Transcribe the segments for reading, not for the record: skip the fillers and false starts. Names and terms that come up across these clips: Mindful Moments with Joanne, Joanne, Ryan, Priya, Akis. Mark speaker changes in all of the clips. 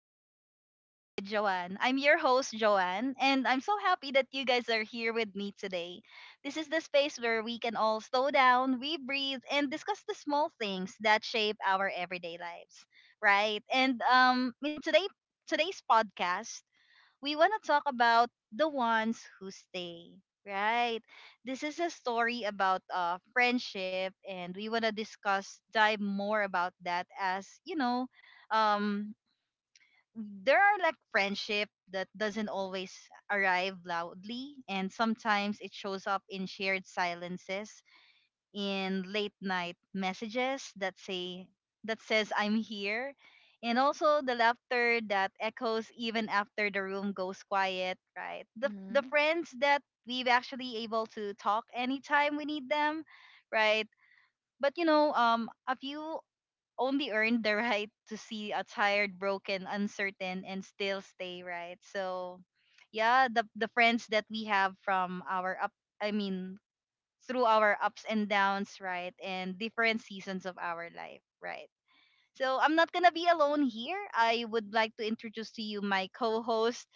Speaker 1: to Mindful Moments with Joanne. I'm your host, Joanne, and I'm so happy that you guys are here with me today. This is the space where we can all slow down, we breathe, and discuss the small things that shape our everyday lives, right? And in today, today's podcast, we want to talk about the ones who stay, right? This is a story about friendship, and we want to discuss, dive more about that as, um, there are like friendship that doesn't always arrive loudly, and sometimes it shows up in shared silences in late night messages that say that says I'm here, and also the laughter that echoes even after the room goes quiet, right? The
Speaker 2: Mm-hmm.
Speaker 1: friends that we've actually able to talk anytime we need them, right? But a few only earned the right to see a tired, broken, uncertain and still stay, right? So yeah, the friends that we have from our up I mean through our ups and downs, right? And different seasons of our life, right? So I'm not going to be alone here. I would like to introduce to you my co host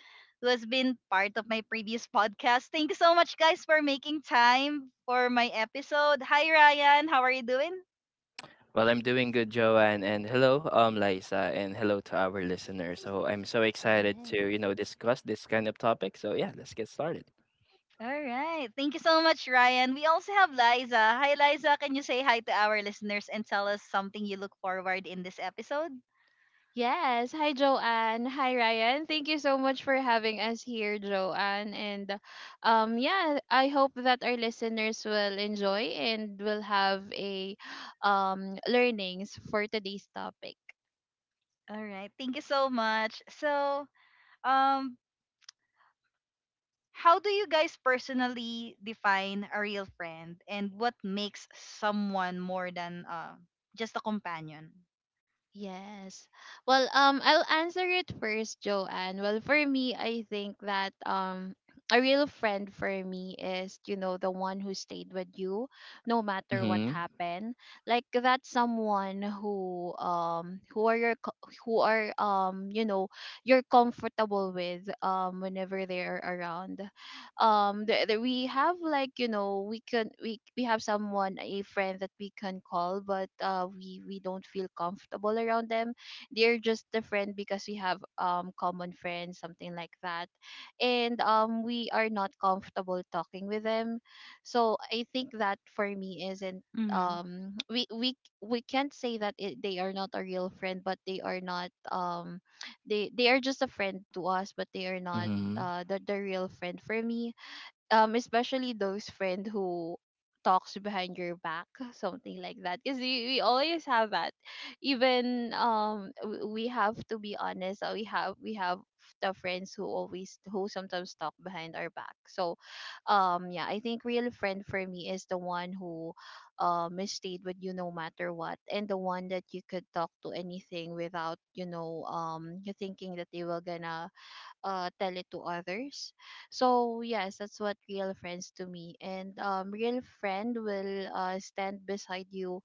Speaker 1: who has been part of my previous podcast. Thank you so much, guys, for making time for my episode. Hi, Ryan. How are you doing?
Speaker 3: Well, I'm doing good, Joanne, and hello, Liza, and hello to our listeners. So I'm so excited
Speaker 2: Hi.
Speaker 3: to discuss this kind of topic. So yeah, let's get started.
Speaker 1: All right. Thank you so much, Ryan. We also have Liza. Hi, Liza. Can you say hi to our listeners and tell us something you look forward in this episode?
Speaker 2: Yes. Hi, Joanne. Hi, Ryan. Thank you so much for having us here, Joanne. And yeah, I hope that our listeners will enjoy and will have a learnings for today's topic.
Speaker 1: All right. Thank you so much. So, um, How do you guys personally define a real friend and what makes someone more than just a companion?
Speaker 2: Yes. Well, I'll answer it first, Joanne. Well, for me, I think that a real friend for me is, you know, the one who stayed with you no matter what
Speaker 3: Mm-hmm.
Speaker 2: happened. Like that's someone who who are you're comfortable with whenever they are around. There we have, like, we can we have someone, a friend that we can call, but we don't feel comfortable around them. They're just the friend because we have common friends, something like that. And we are not comfortable talking with them. So I think that for me isn't
Speaker 1: Mm-hmm.
Speaker 2: we can't say that they are not a real friend, but they are not they are just a friend to us, but they are not
Speaker 3: Mm-hmm.
Speaker 2: the real friend for me, especially those friend who talks behind your back something like that, because we always have that. Even we have to be honest, we have the friends who always, who sometimes talk behind our back. So yeah, I think real friend for me is the one who is stayed with you no matter what, and the one that you could talk to anything without you thinking that they will gonna tell it to others. So yes, that's what real friends to me. And real friend will stand beside you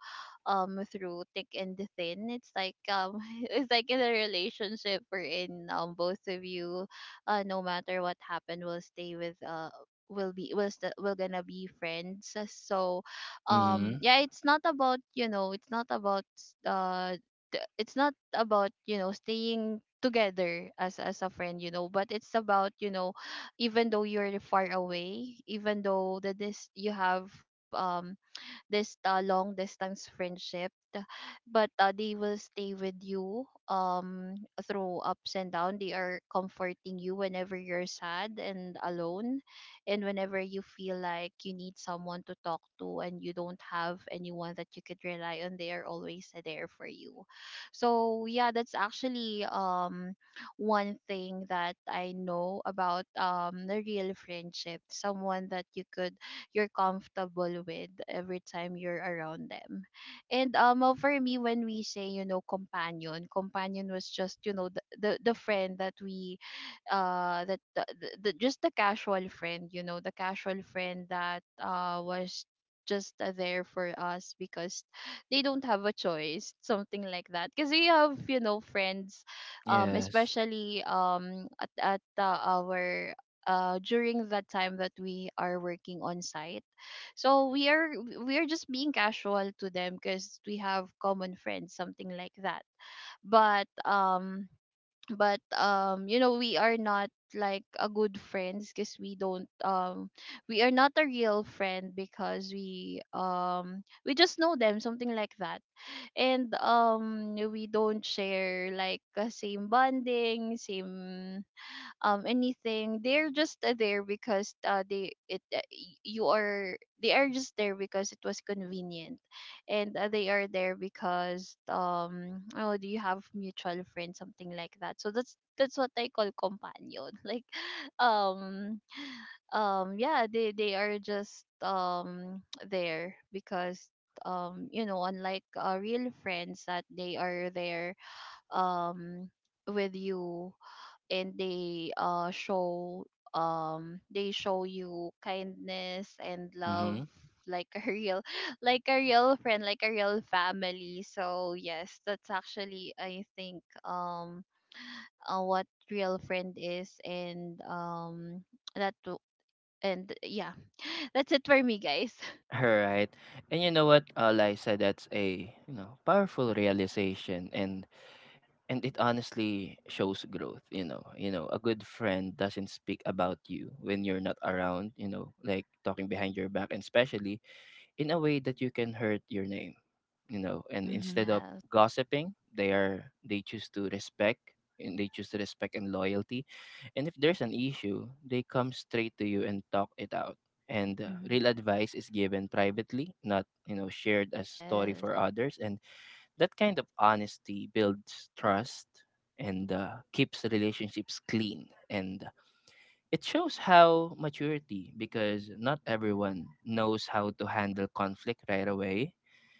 Speaker 2: through thick and thin. It's like it's like in a relationship we're in, both of you, no matter what happened, will stay with will be will gonna be friends. So
Speaker 3: Mm-hmm.
Speaker 2: yeah, it's not about, you know, it's not about it's not about, you know, staying together as a friend, you know, but it's about, you know, even though you're far away, even though that this you have this long distance friendship, but they will stay with you through ups and down. They are comforting you whenever you're sad and alone, and whenever you feel like you need someone to talk to and you don't have anyone that you could rely on, they are always there for you. So yeah, that's actually one thing that I know about the real friendship. Someone that you could, you're comfortable with every time you're around them. And well, for me, when we say, you know, companion, companion was just, you know, the friend that we that the just the casual friend, you know, the casual friend that was just there for us because they don't have a choice, something like that, because we have, you know, friends.
Speaker 3: Yes.
Speaker 2: Especially at our during that time that we are working on site. So we are just being casual to them because we have common friends, something like that. But you know, we are not like a good friends because we don't we are not a real friend because we just know them, something like that. And we don't share like a same bonding, same anything. They're just there because you are, they are just there because it was convenient. And they are there because oh, do you have mutual friends, something like that. So that's what I call companion like um yeah, they are just there because you know, unlike real friends that they are there um with you, and they show they show you kindness and love,
Speaker 3: Mm-hmm.
Speaker 2: like a real like a real friend, like a real family. So yes, that's actually, I think, what real friend is. And that w- and yeah, that's it for me, guys.
Speaker 3: All right. And you know what, Liza, that's a, you know, powerful realization, and it honestly shows growth. You know, you know, a good friend doesn't speak about you when you're not around, you know, like talking behind your back, and especially in a way that you can hurt your name, you know. And instead
Speaker 1: Mm-hmm.
Speaker 3: of
Speaker 2: Yes.
Speaker 3: gossiping, they choose to respect, and they choose to respect and loyalty. And if there's an issue, they come straight to you and talk it out. And
Speaker 1: Mm-hmm.
Speaker 3: real advice is given privately, not, you know, shared as story
Speaker 2: Yes.
Speaker 3: for others. And that kind of honesty builds trust and keeps relationships clean. And it shows how maturity, because not everyone knows how to handle conflict right away.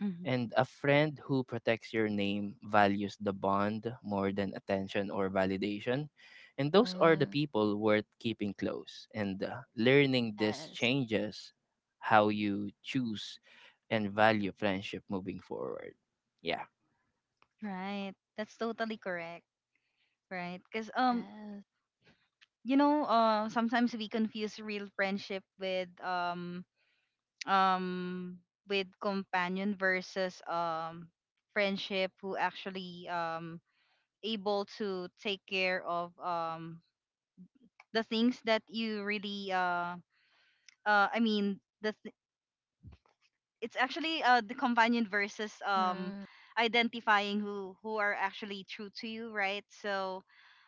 Speaker 1: Mm-hmm.
Speaker 3: And a friend who protects your name values the bond more than attention or validation. And those are the
Speaker 2: Mm-hmm.
Speaker 3: people worth keeping close. And learning this
Speaker 2: Yes.
Speaker 3: changes how you choose and value friendship moving forward. Yeah.
Speaker 1: Right. That's totally correct. Right. Because
Speaker 2: Yes.
Speaker 1: You know, sometimes we confuse real friendship um with companion versus friendship who actually able to take care of the things that you really uh i mean the th- it's actually the companion versus
Speaker 2: Mm-hmm.
Speaker 1: identifying who are actually true to you, right? So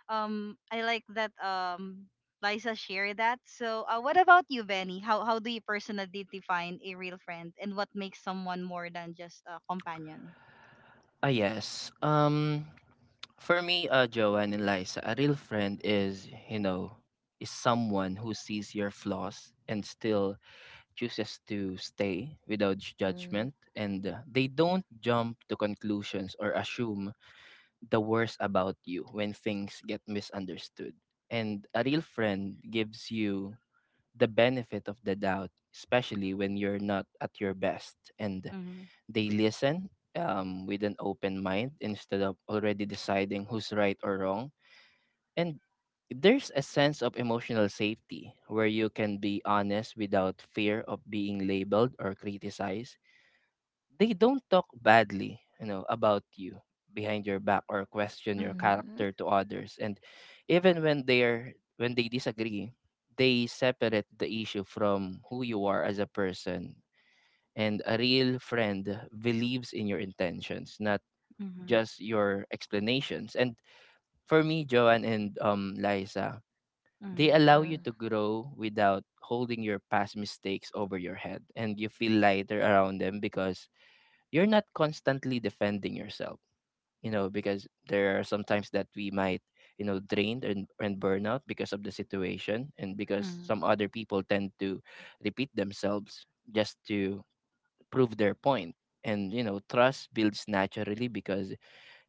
Speaker 1: I like that Liza shared that. So what about you, Benny? How do you personally define a real friend and what makes someone more than just a companion?
Speaker 3: Ah, yes. For me, Joanne and Liza, a real friend is, you know, is someone who sees your flaws and still chooses to stay without
Speaker 2: Mm-hmm.
Speaker 3: judgment. And they don't jump to conclusions or assume the worst about you when things get misunderstood. And a real friend gives you the benefit of the doubt, especially when you're not at your best. And
Speaker 1: Mm-hmm.
Speaker 3: they listen with an open mind instead of already deciding who's right or wrong. And there's a sense of emotional safety where you can be honest without fear of being labeled or criticized. They don't talk badly, you know, about you behind your back or question your
Speaker 1: Mm-hmm.
Speaker 2: Mm-hmm.
Speaker 3: character to others. And even when they disagree, they separate the issue from who you are as a person. And a real friend believes in your intentions, not
Speaker 1: Mm-hmm.
Speaker 3: just your explanations. And for me, Joanne and Liza, they
Speaker 1: Mm-hmm.
Speaker 3: allow you
Speaker 2: Mm-hmm.
Speaker 3: to grow without holding your past mistakes over your head. And you feel lighter around them because you're not constantly defending yourself. You know, because there are sometimes that we might, you know, drained and, burn out because of the situation, and because some other people tend to repeat themselves just to prove their point. And you know trust builds naturally because,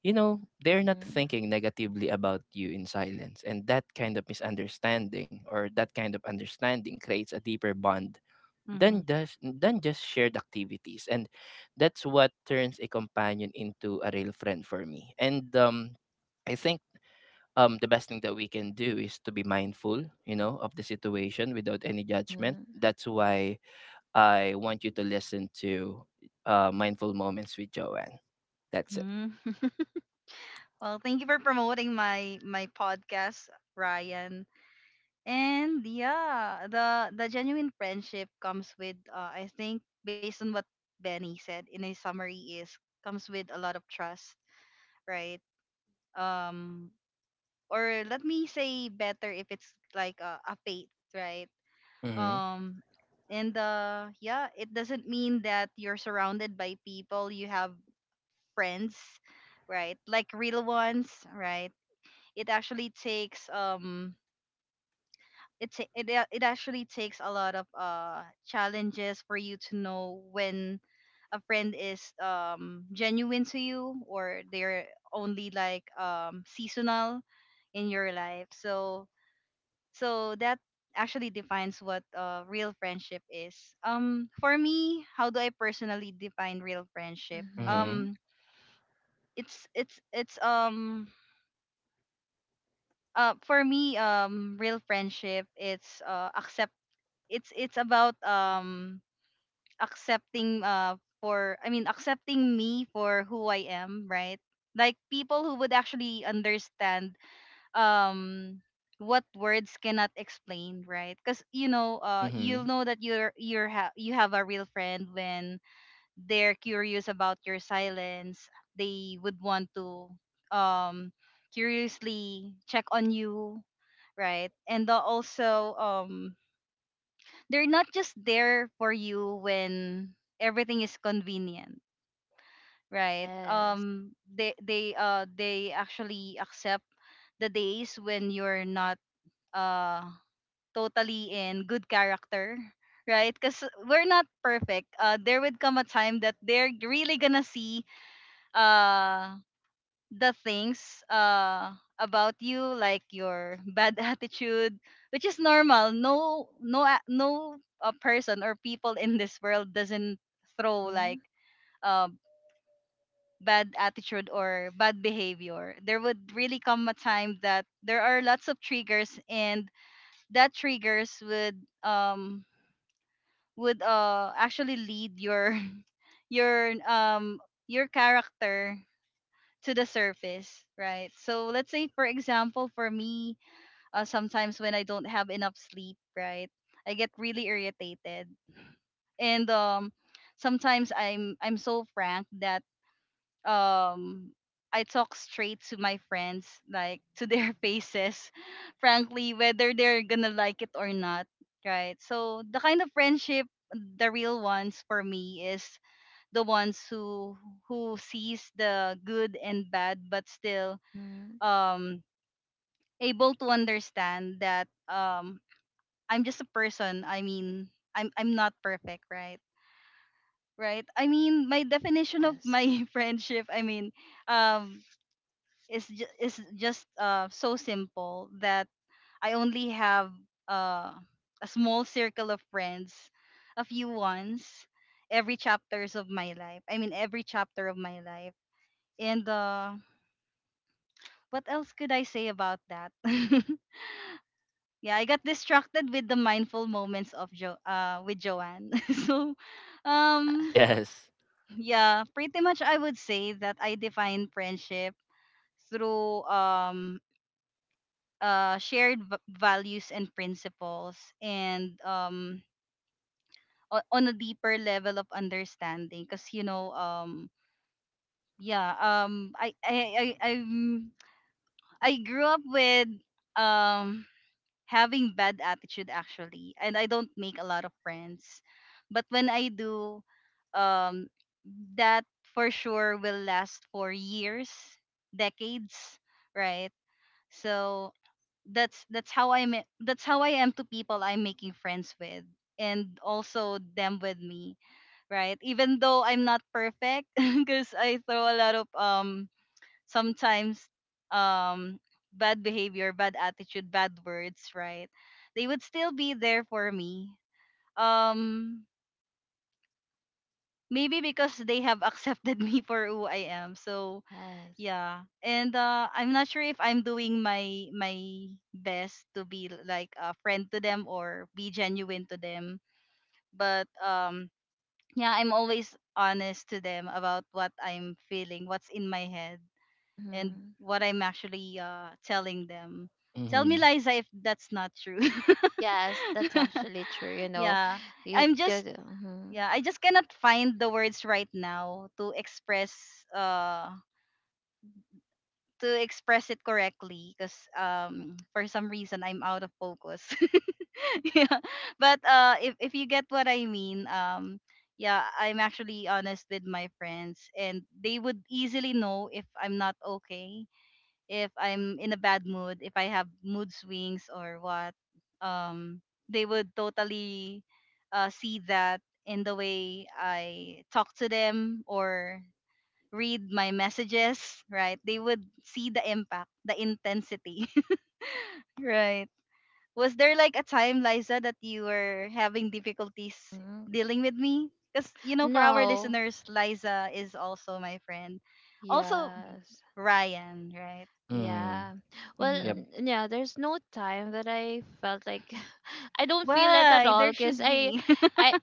Speaker 3: you know, they're not
Speaker 2: Mm-hmm.
Speaker 3: thinking negatively about you in silence, and that kind of misunderstanding or that kind of understanding creates a deeper bond
Speaker 1: Mm-hmm.
Speaker 3: than just shared activities. And that's what turns a companion into a real friend for me. And I think the best thing that we can do is to be mindful, you know, of the situation without any judgment.
Speaker 2: Mhm.
Speaker 3: That's why I want you to listen to Mindful Moments with Joanne. That's it.
Speaker 1: Mm-hmm. Well, thank you for promoting my podcast, Ryan. And yeah, the genuine friendship comes with I think based on what Benny said in a summary is, comes with a lot of trust, right? Um or let me say better, if it's like a faith, right?
Speaker 3: Mm-hmm.
Speaker 1: Um and yeah, it doesn't mean that you're surrounded by people, you have friends, right? Like real ones, right? It actually takes it actually takes a lot of challenges for you to know when a friend is genuine to you or they're only like seasonal in your life. So so that actually defines what real friendship is. For me, how do I personally define real friendship?
Speaker 3: Mm-hmm.
Speaker 2: Mhm.
Speaker 1: It's For me, real friendship, it's about accepting for I mean accepting me for who I am, right? Like people who would actually understand um what words cannot explain, right? Cuz you know,
Speaker 3: Mm-hmm.
Speaker 1: you'll know that you have a real friend when they're curious about your silence. They would want to um curiously check on you, right? And also they're not just there for you when everything is convenient, right?
Speaker 2: Yes.
Speaker 1: They actually accept the days when you're not uh totally in good character, right? Because we're not perfect. There would come a time that they're really gonna see uh the things about you, like your bad attitude, which is normal. No person or people in this world doesn't throw
Speaker 2: Mhm.
Speaker 1: like uh, bad attitude or bad behavior. There would really come a time that there are lots of triggers, and that triggers would um actually lead your your um your character to the surface, right? So let's say, for example, for me, sometimes when I don't have enough sleep, right, I get really irritated, and sometimes I'm so frank that um, I talk straight to my friends, like to their faces, frankly, whether they're gonna like it or not, right? So the kind of friendship, the real ones for me is the ones who sees the good and bad, but still
Speaker 2: Mhm.
Speaker 1: um able to understand that I'm just a person. I mean, I'm not perfect, right? Right? I mean, my definition of
Speaker 2: Yes.
Speaker 1: my friendship, I mean, um is just so simple that I only have uh a small circle of friends, a few ones every chapter of my life. And what else could I say about that? Yeah, I got distracted with the mindful moments of Jo with Joanne. So
Speaker 2: Yeah.
Speaker 1: um
Speaker 3: Yes.
Speaker 1: yeah, pretty much I would say that I define friendship through shared values and principles, and on a deeper level of understanding, because you know yeah, I grew up with um having bad attitude, actually, and I don't make a lot of friends, but when I do, um that for sure will last for years, decades, right? So that's how I am to people I'm making friends with, and also them with me, right? Even though I'm not perfect because I throw a lot of sometimes um bad behavior, bad attitude, bad words, right? They would still be there for me, um maybe because they have accepted me for who I am. So
Speaker 2: Yes.
Speaker 1: yeah. And I'm not sure if I'm doing my best to be like a friend to them or be genuine to them, but yeah, I'm always honest to them about what I'm feeling, what's in my head, and
Speaker 2: Mhm.
Speaker 1: what I'm actually telling them. Tell me,
Speaker 3: Mm-hmm.
Speaker 1: Liza, if that's not true.
Speaker 2: Yes, that's actually true, you know.
Speaker 1: Yeah,
Speaker 2: You
Speaker 1: I'm
Speaker 2: did,
Speaker 1: just
Speaker 2: mhm.
Speaker 1: yeah, I just cannot find the words right now uh to express it correctly, because for some reason I'm out of focus. Yeah, but if you get what I mean. Yeah, I'm actually honest with my friends, and they would easily know if I'm not okay, if I'm in a bad mood, if I have mood swings or what, um, they would totally see that in the way I talk to them or read my messages, right? They would see the impact, the intensity, right? Was there like a time, Liza, that you were having difficulties
Speaker 2: Mhm.
Speaker 1: dealing with me? Because, you know, for our
Speaker 2: No.
Speaker 1: listeners, Liza is also my friend. Also,
Speaker 2: Yes.
Speaker 1: Ryan, right?
Speaker 3: Mm-hmm.
Speaker 2: Yeah. Well,
Speaker 3: Yep.
Speaker 1: Mm-hmm.
Speaker 2: yeah, there's no time that I felt like I don't feel it at
Speaker 1: Why?
Speaker 2: all
Speaker 1: There
Speaker 2: because
Speaker 1: should be.
Speaker 2: I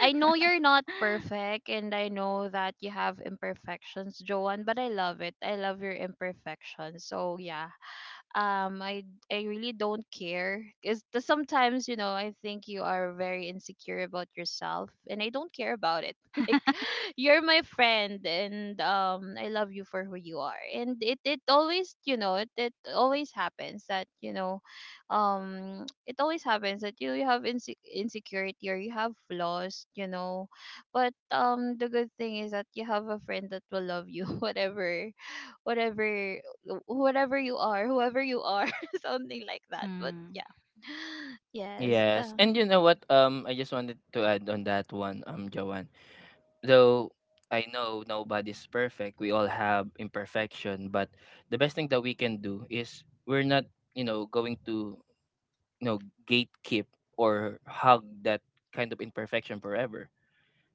Speaker 2: I know you're not perfect and I know that you have imperfections, Joanne, but I love it. I love your imperfections. So, yeah, um i I really don't care because sometimes, you know, I think you are very insecure about yourself and I don't care about it like, you're my friend and I love you for who you are. And it always, you know, it always happens that it always happens that you have insecurity or you have flaws, you know, but the good thing is that you have a friend that will love you whatever whatever you are, whoever you are, something like that. But
Speaker 1: Mm.
Speaker 2: yeah, yes,
Speaker 3: Yes. And you know what? I just wanted to add on that one, Joanne. Though I know nobody's perfect, we all have imperfection, but the best thing that we can do is we're not, you know, going to, you know, gatekeep or hug that kind of imperfection forever.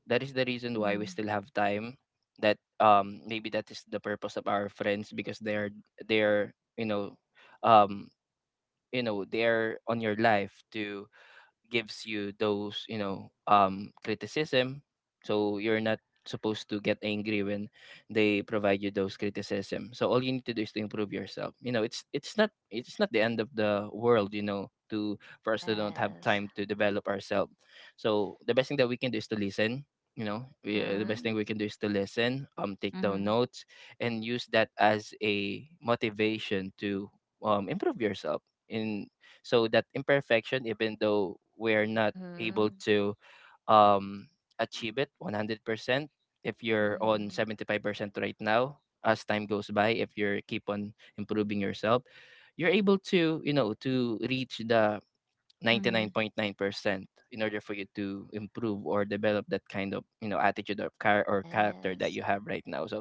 Speaker 3: That is the reason why we
Speaker 1: Mhm.
Speaker 3: still have time, that maybe that is the purpose of our friends, because they're, you know, um you know, they're on your life to gives you those, you know, criticism. So you're not supposed to get angry when they provide you those criticism. So all you need to do is to improve yourself. You know, it's not the end of the world, you know, to for us to don't have
Speaker 2: yes.
Speaker 3: time to develop ourselves. So the best thing that we can do is to listen. You know, the best
Speaker 2: Mhm.
Speaker 3: thing we can do is to listen, take down
Speaker 1: Mhm.
Speaker 3: notes and use that as a motivation to improve yourself in, so that imperfection, even though we're not able
Speaker 2: Mhm.
Speaker 3: to um achieve it 100%, if you're on
Speaker 2: Mhm.
Speaker 3: 75% right now, as time goes by, if you keep on improving yourself, you're able to, you know, to reach the
Speaker 1: Mhm.
Speaker 3: 99.9% in order for you to improve or develop that kind of, you know, attitude or, character that
Speaker 2: Yes.
Speaker 3: you have right now. So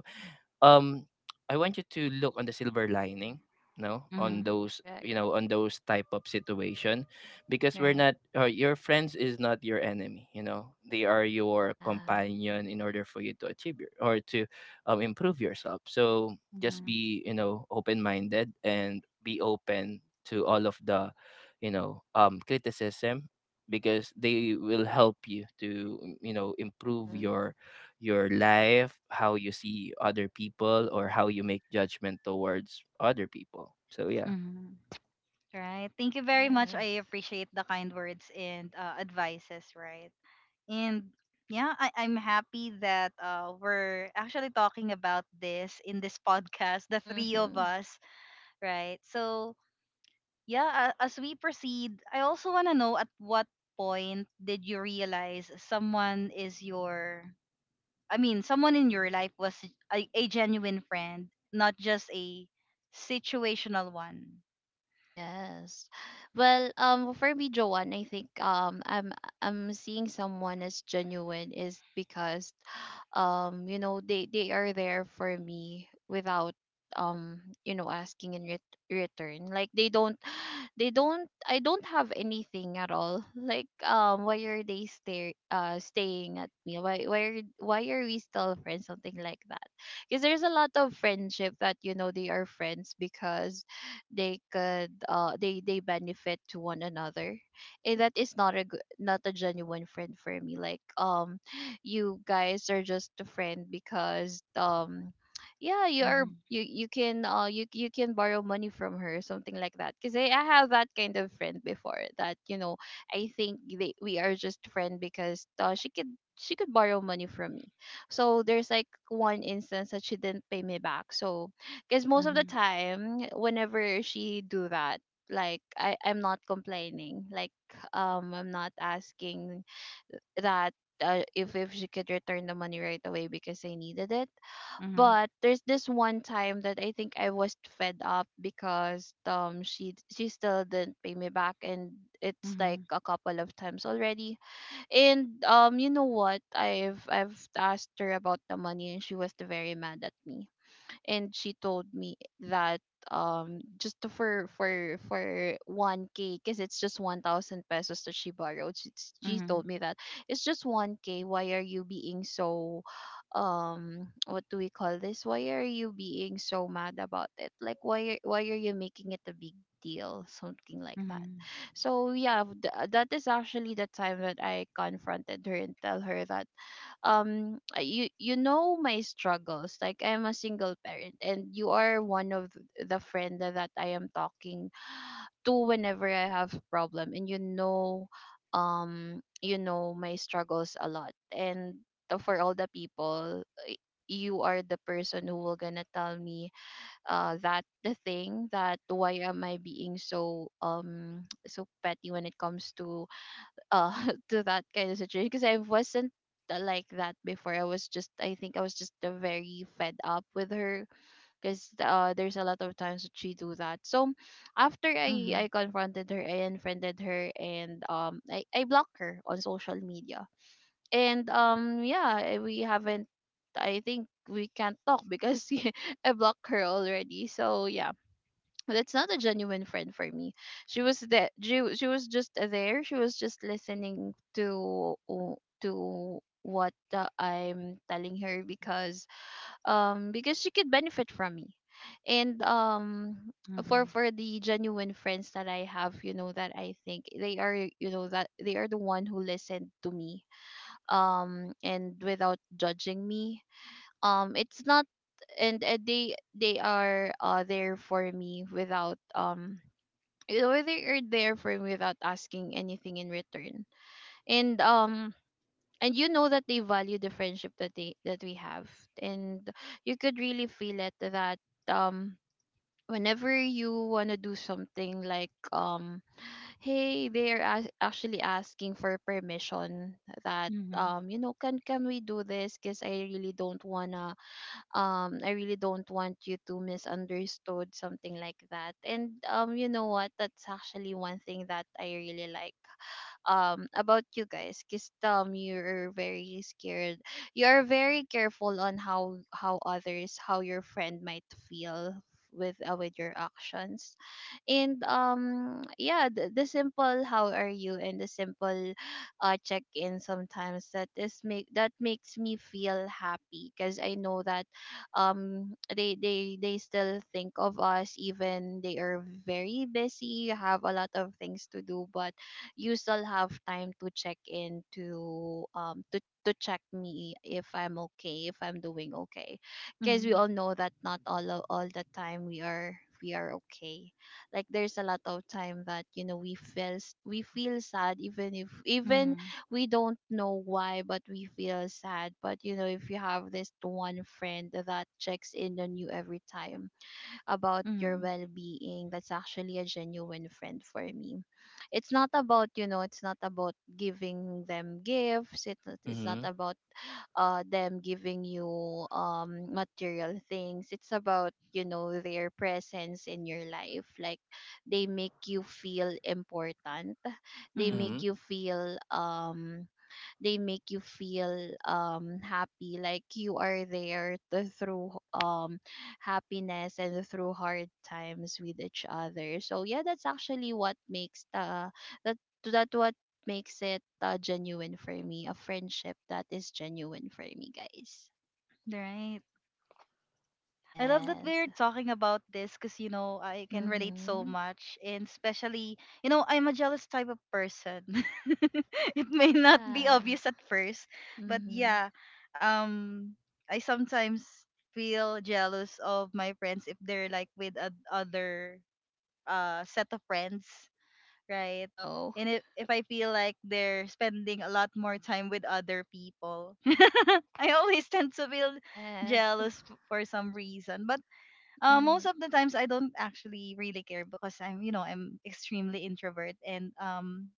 Speaker 3: um I want you to look on the silver lining, no, on
Speaker 1: Mhm.
Speaker 3: those,
Speaker 2: Correct.
Speaker 3: you know, on those type of situation, because we're
Speaker 1: Right.
Speaker 3: not, or your friends is not your enemy. You know they are your
Speaker 2: Yeah.
Speaker 3: companion in order for you to achieve your or to improve yourself. So just
Speaker 1: Mhm.
Speaker 3: be, you know, open minded and be open to all of the, you know, criticism, because they will help you to, you know, improve
Speaker 2: Mhm.
Speaker 3: your life, how you see other people, or how you make judgment towards other people. So yeah.
Speaker 1: Mhm. Right. Thank you very much. I
Speaker 2: Yes.
Speaker 1: appreciate the kind words and advices, right? And yeah, I, I'm happy that we're actually talking about this in this podcast, the three of
Speaker 2: Mhm.
Speaker 1: us, right? So yeah, as we proceed, I also want to know at what point did you realize someone is your, I mean, someone in your life was a genuine friend, not just a situational one.
Speaker 2: Yes. Well, for me, Joanne, I think I'm seeing someone as genuine is because, you know, they are there for me without you know, asking in return. Like they don't. I don't have anything at all. Like why are they staying at me? Why are we still friends? Something like that. Because there's a lot of friendship that, you know, they are friends because they could, they benefit to one another. And that is not a good, not a genuine friend for me. Like you guys are just a friend because yeah,
Speaker 1: Mhm,
Speaker 2: you can you can borrow money from her, something like that, because I have that kind of friend before that, you know, I think we are just friend because she could borrow money from me. So there's like one instance that she didn't pay me back. So because most of the
Speaker 1: mhm,
Speaker 2: time whenever she do that, like I'm not complaining, like I'm not asking that if she could return the money right away because I needed it.
Speaker 1: mhm,
Speaker 2: But there's this one time that I think I was fed up because she still didn't pay me back. And it's like
Speaker 1: mhm,
Speaker 2: a couple of times already. And you know what, I've asked her about the money and she was very mad at me. And she told me that just for 1k, because it's just 1000 pesos that she borrowed. She told me that it's just 1k, why are you being so what do we call this, why are you being so mad about it, like, why are you making it a big deal, something like that.
Speaker 1: mhm,
Speaker 2: So yeah, that is actually the time that I confronted her and tell her that you know my struggles. Like, I'm a single parent and you are one of the friend that I am talking to whenever I have problem. And, you know, you know my struggles a lot. And for all the people, uh, you are the person who will gonna tell me that the thing that why am I being so so petty when it comes to uh to that kind of situation. Because I wasn't like that before. I was just, I think I was just very fed up with her because there's a lot of times that she do that. So after I
Speaker 1: mhm,
Speaker 2: I confronted her, I unfriended her and I blocked her on social media. And yeah, we haven't I think we can't talk because I blocked her already. So yeah, that's not a genuine friend for me. She was she was just there. She was just listening to to what I'm telling her because she could benefit from me. And
Speaker 1: mhm,
Speaker 2: for the genuine friends that I have, you know that I think they are, that they are the one who listened to me, and without judging me. It's not. And they are there for me without you know, they are there for me without asking anything in return. And um and you know that they value the friendship that we have. And you could really feel it that, um whenever you want to do something, like, hey, they are actually asking for permission. That,
Speaker 1: mhm,
Speaker 2: you know, can we do this, because I really don't want you to misunderstood something like that. And you know what, that's actually one thing that I really like about you guys, because you're very scared, you are very careful on how others, how your friend might feel with your actions. And yeah, the simple how are you, and the simple check in sometimes, that makes me feel happy because I know that they still think of us, even they are very busy, have a lot of things to do, but you still have time to check in to, to check me if I'm okay, if I'm doing okay. Because we
Speaker 1: mhm,
Speaker 2: all know that not all of, all the time we are okay. Like, there's a lot of time that, you know, we feel sad, even if,
Speaker 1: mhm,
Speaker 2: even
Speaker 1: mhm,
Speaker 2: we don't know why, but we feel sad. But you know, if you have this one friend that checks in on you every time about your
Speaker 1: mhm,
Speaker 2: well-being, that's actually a genuine friend for me. It's not about, you know, it's not about giving them gifts, it's not
Speaker 3: Mm-hmm.
Speaker 2: about them giving you material things. It's about, you know, their presence in your life, like, they make you feel important, they make
Speaker 1: mhm.
Speaker 3: Mm-hmm.
Speaker 2: you feel they make you feel happy, like, you are there to, through happiness and through hard times with each other. So yeah, that's actually what makes the that, that what makes it genuine for me, a friendship that is genuine for me, guys.
Speaker 1: Right. I love that
Speaker 2: Yes.
Speaker 1: we're talking about this because, you know, I can relate so
Speaker 2: Mm-hmm.
Speaker 1: much. And especially, you know, I'm a jealous type of person. It may not be
Speaker 2: Ah.
Speaker 1: obvious at first, but
Speaker 2: Mm-hmm.
Speaker 1: yeah, um, I sometimes feel jealous of my friends if they're like with other set of friends, right?
Speaker 2: No.
Speaker 1: And if I feel like they're spending a lot more time with other people, I always tend to feel
Speaker 2: Yes.
Speaker 1: jealous for some reason. But most of the times I don't actually really care because I'm, you know, I'm extremely introvert, and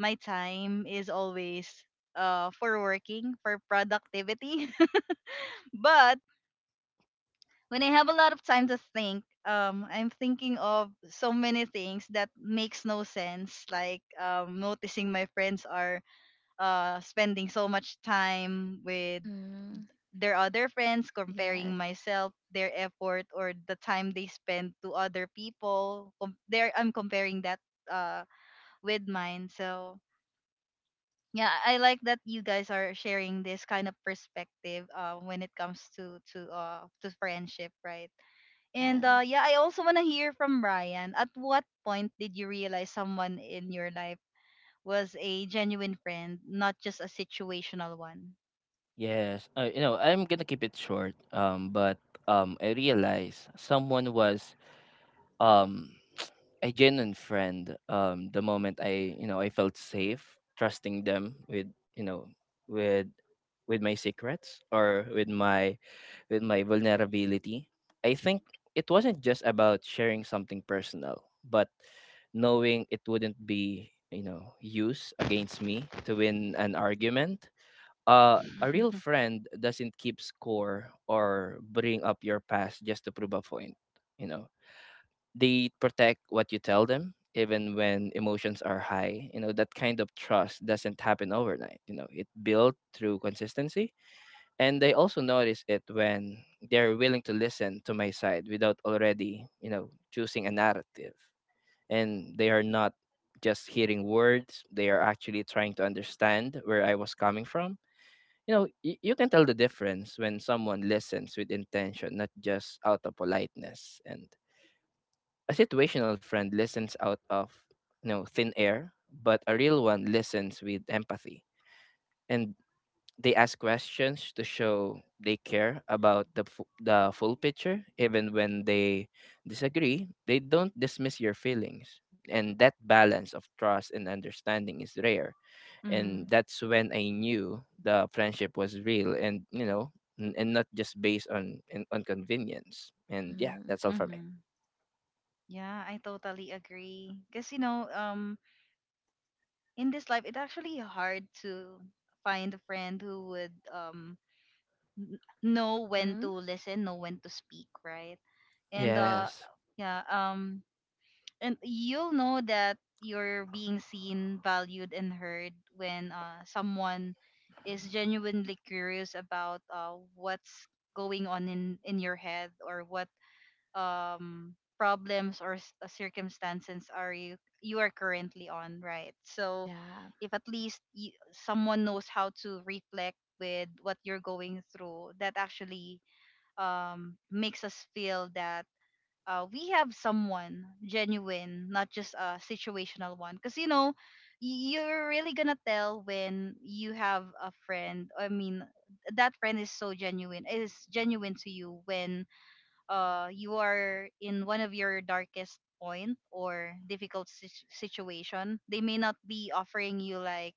Speaker 1: my time is always for working, for productivity. But when I have a lot of time to think, I'm thinking of so many things that makes no sense, like noticing my friends are spending so much time with
Speaker 2: Mm-hmm.
Speaker 1: their other friends,
Speaker 2: Yes,
Speaker 1: comparing myself, their effort, or the time they spend to other people. I'm comparing that uh, with mine. So yeah, I like that you guys are sharing this kind of perspective when it comes to to friendship, right? And
Speaker 2: yes, yes.
Speaker 1: yeah, I also want to hear from Brian. At what point did you realize someone in your life was a genuine friend, not just a situational one?
Speaker 3: Yes. You know, I'm gonna keep it short. But I realized someone was um a genuine friend the moment I, you know, I felt safe trusting them with, you know, with with my secrets, or with my vulnerability. I think it wasn't just about sharing something personal, but knowing it wouldn't be, you know, used against me to win an argument. A real friend doesn't keep score or bring up your past just to prove a point. You know, they protect what you tell them even when emotions are high. You know, that kind of trust doesn't happen overnight. You know, it built through consistency. And they also notice it when they're willing to listen to my side without already, you know, choosing a narrative. And they are not just hearing words, they are actually trying to understand where I was coming from. You know, you can tell the difference when someone listens with intention, not just out of politeness. And a situational friend listens out of, you know, thin air, but a real one listens with empathy, and they ask questions to show they care about the full picture. Even when they disagree, they don't dismiss your feelings, and that balance of trust and understanding is rare. And that's when I knew the friendship was real, and you know, and not just based on on convenience. And yeah,
Speaker 2: Mm-hmm.
Speaker 3: that's all for me.
Speaker 1: Mm-hmm. Yeah, I totally agree. Because, you know, in this life, it's actually hard to find a friend who would know when
Speaker 2: Mm-hmm.
Speaker 1: to listen, know when to speak, right? And, uh,
Speaker 3: Yes.
Speaker 1: yeah, um, and you'll know that you're being seen, valued, and heard when someone is genuinely curious about what's going on in your head or what problems or circumstances are you are currently on, right? So
Speaker 2: Yeah.
Speaker 1: if at least you, someone knows how to reflect with what you're going through, that actually makes us feel that we have someone genuine, not just a situational one. Because, you know, you're really gonna tell when you have a friend. I mean, that friend is so genuine. It is genuine to you when you are in one of your darkest point or difficult situation. They may not be offering you, like,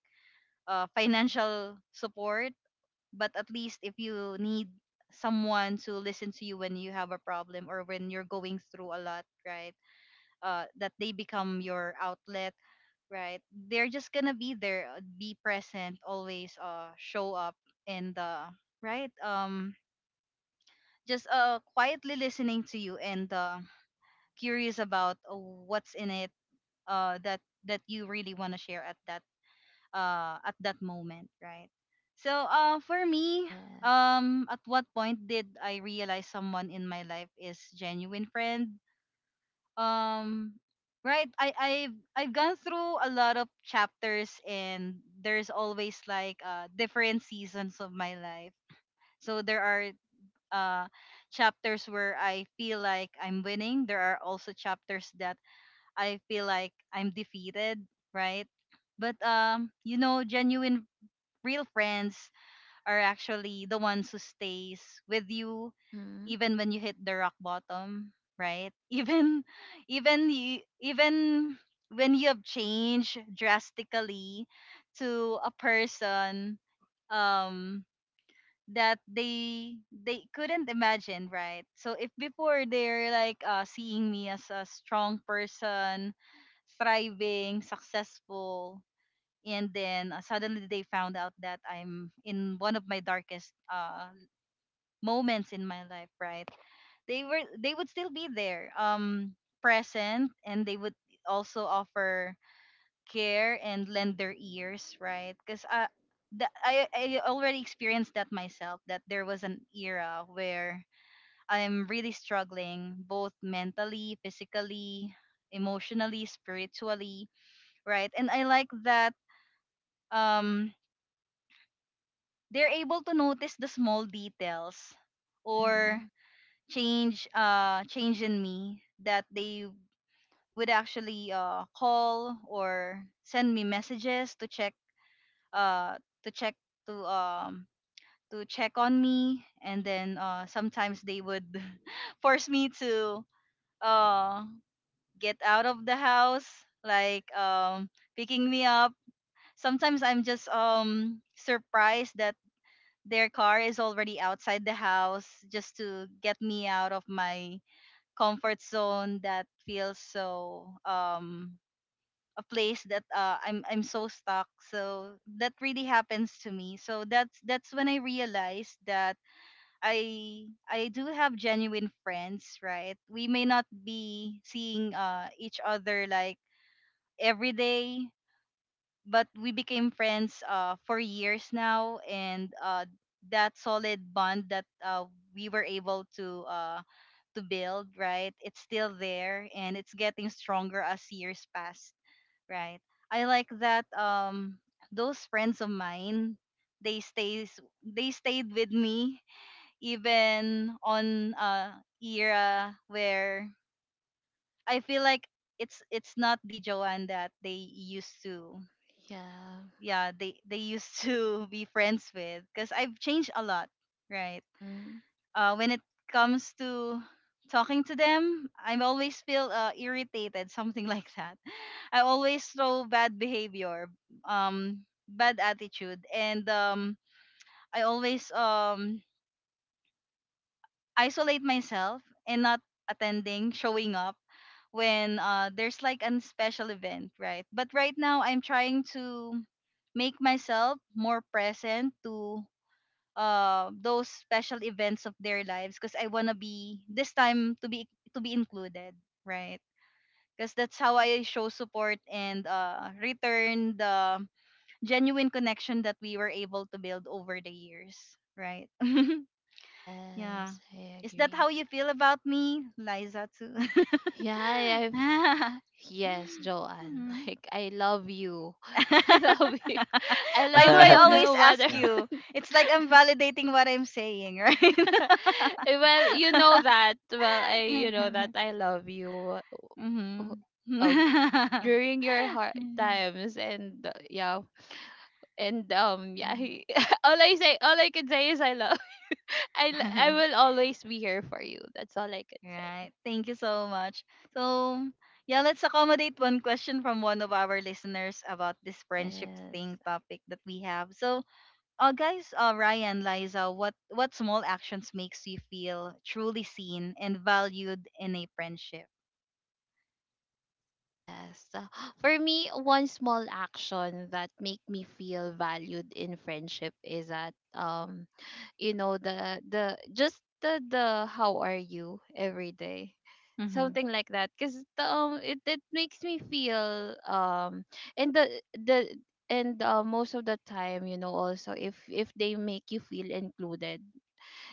Speaker 1: financial support, but at least if you need someone to listen to you when you have a problem or when you're going through a lot, right? That they become your outlet, right? They're just gonna be there, be present always, show up. And uh, right um just uh quietly listening to you and, curious about what's in it, that that you really want to share at that, at that moment, right? So for me,
Speaker 2: Yes.
Speaker 1: at what point did I realize someone in my life is genuine friend? Um right I've gone through a lot of chapters, and there's always, like, different seasons of my life. So there are, uh chapters where I feel like I'm winning. There are also chapters that I feel like I'm defeated, right? But you know, genuine real friends are actually the ones who stays with you
Speaker 2: Mhm.
Speaker 1: even when you hit the rock bottom, right? Even when you have changed drastically to a person um that they couldn't imagine, right? So if before they're like, seeing me as a strong person, thriving, successful, and then, suddenly they found out that I'm in one of my darkest, moments in my life, right? They would still be there, present, and they would also offer care and lend their ears, right? Because, the, I already experienced that myself. That there was an era where I'm really struggling, both mentally, physically, emotionally, spiritually, right? And I like that um they're able to notice the small details or
Speaker 2: Mhm.
Speaker 1: change change in me, that they would actually call or send me messages to check, uh to check to um to check on me. And then sometimes they would force me to uh get out of the house, like, picking me up. Sometimes I'm just surprised that their car is already outside the house, just to get me out of my comfort zone, that feels so, um, a place that, uh, I'm so stuck. So that really happens to me. So that's when I realized that I do have genuine friends, right? We may not be seeing each other, like, every day, but we became friends for years now, and that solid bond that we were able to build, right? It's still there, and it's getting stronger as years pass, right? I like that those friends of mine, they stayed with me, even on, era where I feel like it's not the Joanne that they used to,
Speaker 2: Yeah.
Speaker 1: yeah, they used to be friends with, because I've changed a lot, right?
Speaker 2: Mhm.
Speaker 1: When it comes to talking to them, I always feel, irritated, something like that. I always throw bad behavior, bad attitude, and, I always isolate myself and not attending, showing up when, there's like a special event, right? But right now, I'm trying to make myself more present to, those special events of their lives, because I wanna be this time to be included, right? Because that's how I show support and, return the genuine connection that we were able to build over the years, right? Yeah.
Speaker 2: Yes, I
Speaker 1: Is that how
Speaker 2: agree.
Speaker 1: you feel about me, Liza too?
Speaker 2: Yeah, I've yes, Joanne.
Speaker 1: Mhm.
Speaker 2: Like, I love you. I love you. I
Speaker 1: Why do
Speaker 2: love
Speaker 1: I
Speaker 2: you,
Speaker 1: always
Speaker 2: no matter.
Speaker 1: ask you? It's like I'm validating what I'm saying, right?
Speaker 2: Well, you know that. Well, I you know that I love you. Oh,
Speaker 1: Mhm.
Speaker 2: oh, during your hard times, and yeah, and yeah. All I can say is I love. I will always be here for you. That's all I could say.
Speaker 1: Right. Thank you so much. So, yeah, let's accommodate one question from one of our listeners about this friendship
Speaker 2: Yes.
Speaker 1: thing topic that we have. So, guys, Ryan, Liza, what small actions makes you feel truly seen and valued in a friendship?
Speaker 2: Yes. For me, one small action that make me feel valued in friendship is that, you know, the how are you every day.
Speaker 1: Mm-hmm.
Speaker 2: Something like that, cuz it makes me feel and the and most of the time, you know, also, if they make you feel included,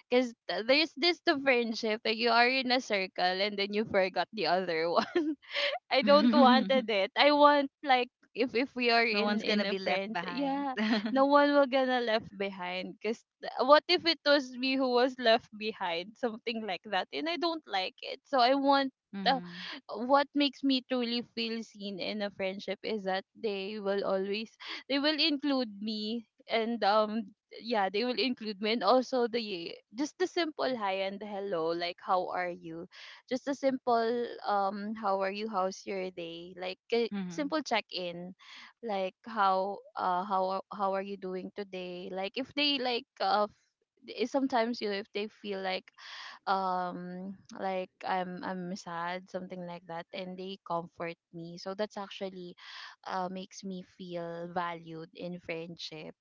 Speaker 2: because there's this the friendship that you are in a circle and then you forgot the other one. I don't wanted it. I want, like, if we are
Speaker 1: No
Speaker 2: in
Speaker 1: one's gonna
Speaker 2: a
Speaker 1: be left
Speaker 2: friends,
Speaker 1: behind.
Speaker 2: yeah, no one will gonna left behind. Cause what if it was me who was left behind, something like that, and I don't like it. So I want. Uh,
Speaker 1: Mm-hmm.
Speaker 2: what makes me truly feel seen in a friendship is that they will include me, and yeah, they will include me. And also the, just the simple hi and hello, like, how are you, just a simple how are you, how's your day, like a
Speaker 1: Mm-hmm.
Speaker 2: simple check in, like, how are you doing today. Like, if they like, sometimes, you know, if they feel like, um I'm sad, something like that, and they comfort me. So that's actually makes me feel valued in friendship.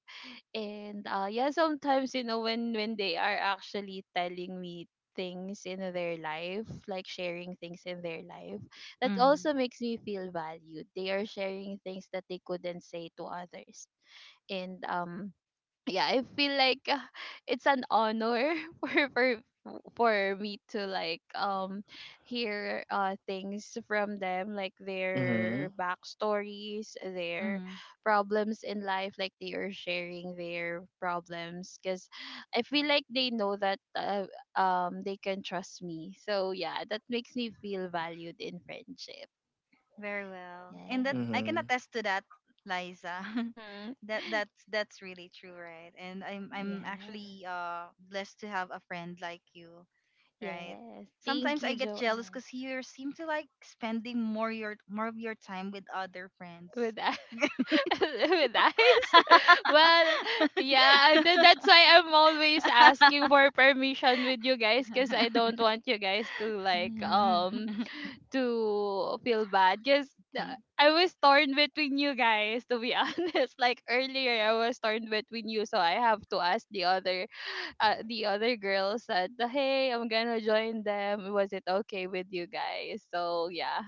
Speaker 2: And yeah, sometimes, you know, when they are actually telling me things in their life, like, sharing things in their life, that
Speaker 1: Mm-hmm.
Speaker 2: also makes me feel valued. They are sharing things that they couldn't say to others. And yeah, I feel like, it's an honor for for for me to, like, hear things from them, like,
Speaker 3: mm-hmm.
Speaker 2: their backstories, their
Speaker 1: Mm-hmm.
Speaker 2: problems in life, like, they are sharing their problems, because I feel like they know that, they can trust me. So yeah, that makes me feel valued in friendship.
Speaker 1: Very well. And that
Speaker 2: Yes.
Speaker 1: I can
Speaker 3: Mm-hmm.
Speaker 1: attest to that, Liza.
Speaker 2: Mm-hmm.
Speaker 1: That that's really true, right? And I'm actually
Speaker 2: Yes.
Speaker 1: blessed to have a friend like you, right?
Speaker 2: Yes, thank
Speaker 1: Sometimes I
Speaker 2: you,
Speaker 1: get jealous
Speaker 2: Joanne.
Speaker 1: because you seem to like spending more your more of your time with other friends.
Speaker 2: With with eyes, well, yeah, that's why I'm always asking for permission with you guys, because I don't want you guys to, like, to feel bad, because I was torn between you guys, to be honest. Like, earlier I was torn between you, so I have to ask the other, the other girls, that, hey, I'm gonna join them, was it okay with you guys, so yeah.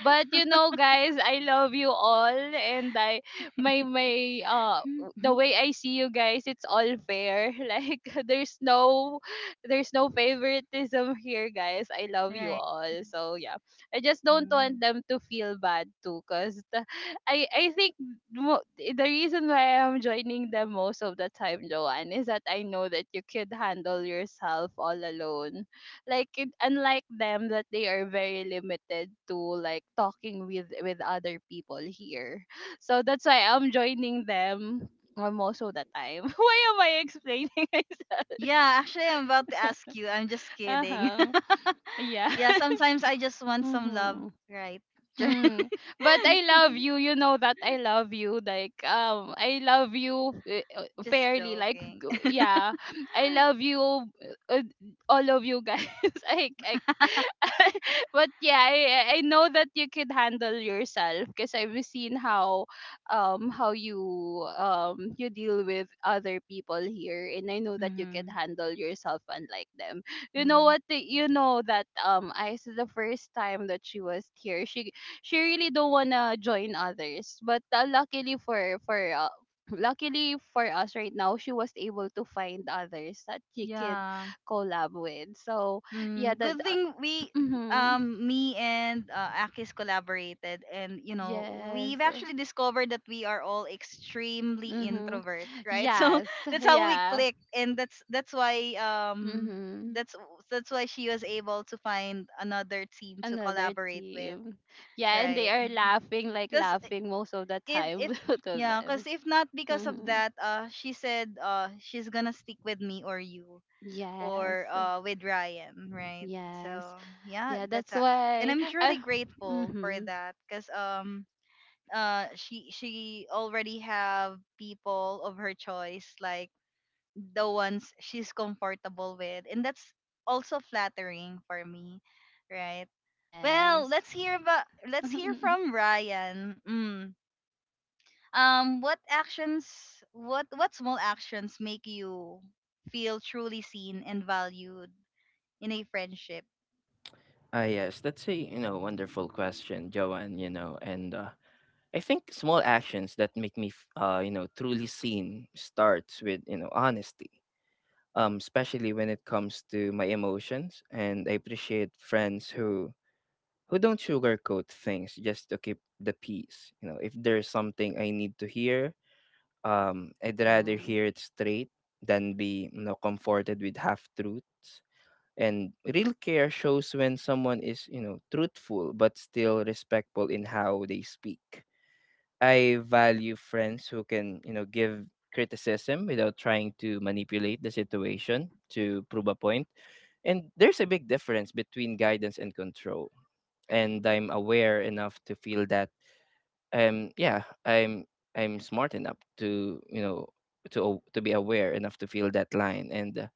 Speaker 2: But you know, guys, I love you all, and I my my the way I see you guys, it's all fair. Like, there's no there's no favoritism here, guys. I love you
Speaker 1: Right.
Speaker 2: all. So yeah, I just don't
Speaker 1: Mm.
Speaker 2: want them to feel bad too, cause I think, the reason why I'm joining them most of the time, Joanne, is that I know that you could handle yourself all alone, like unlike them, that they are very limited to, like, talking with other people here. So that's why I'm joining them, most of the time. Why am I explaining myself?
Speaker 1: Yeah, actually, I'm about to ask you. I'm just kidding.
Speaker 2: Uh-huh. Yeah.
Speaker 1: Yeah, sometimes I just want some love,
Speaker 2: Mm-hmm.
Speaker 1: right?
Speaker 2: Hmm. But I love you. You know that I love you. Like, I love you,
Speaker 1: Just
Speaker 2: fairly. Like,
Speaker 1: joking.
Speaker 2: yeah, I love you, uh, all of you guys. I, I, but yeah, I know that you can handle yourself because I've seen how you, you deal with other people here, and I know that you can
Speaker 1: Mm-hmm.
Speaker 2: handle yourself unlike them. You know
Speaker 1: Mm.
Speaker 2: you know that, I this is the first time that she was here. She she really don't wanna join others. But luckily for, luckily for us right now, she was able to find others that she can
Speaker 1: Yeah.
Speaker 2: collab with. So yeah,
Speaker 1: Mm,
Speaker 2: that
Speaker 1: good thing we,
Speaker 2: mm-hmm.
Speaker 1: me and, Akis collaborated, and, you know,
Speaker 2: Yes.
Speaker 1: we've actually discovered that we are all extremely
Speaker 2: Mm-hmm.
Speaker 1: introvert, right? So
Speaker 2: Yes.
Speaker 1: that's how we
Speaker 2: Yeah.
Speaker 1: clicked, and that's why
Speaker 2: Mm-hmm.
Speaker 1: that's that's why she was able to find another team to
Speaker 2: Another
Speaker 1: collaborate with,
Speaker 2: team, yeah, and they
Speaker 1: right?
Speaker 2: are laughing, like,
Speaker 1: Because
Speaker 2: laughing most of the
Speaker 1: if
Speaker 2: time
Speaker 1: if
Speaker 2: to
Speaker 1: yeah because
Speaker 2: them.
Speaker 1: if not because of
Speaker 2: Mm-hmm.
Speaker 1: that, she said, she's gonna stick with me or you
Speaker 2: Yes,
Speaker 1: or, with Ryan, right?
Speaker 2: yes,
Speaker 1: So yeah,
Speaker 2: yeah.
Speaker 1: that's
Speaker 2: That's
Speaker 1: a, and
Speaker 2: why.
Speaker 1: I'm
Speaker 2: I,
Speaker 1: truly grateful for
Speaker 2: mm-hmm.
Speaker 1: that, because she already have people of her choice, like the ones she's comfortable with, and that's also flattering for me, right? Well,
Speaker 2: Yes.
Speaker 1: let's hear about, let's hear from Ryan. Mm, um, what small actions make you feel truly seen and valued in a friendship?
Speaker 3: Ah, yes, that's a, you know, wonderful question, Joanne. You know, and I think small actions that make me, you know, truly seen starts with, you know, honesty. Especially when it comes to my emotions, and I appreciate friends who don't sugarcoat things just to keep the peace. You know, if there's something I need to hear, I'd rather
Speaker 2: Mhm.
Speaker 3: hear it straight than be, you know, comforted with half truths. And real care shows when someone is, you know, truthful but still respectful in how they speak. I value friends who can, you know, give criticism without trying to manipulate the situation to prove a point. And there's a big difference between guidance and control. And I'm aware enough to feel that yeah, I'm smart enough to, you know, to be aware enough to feel that line. And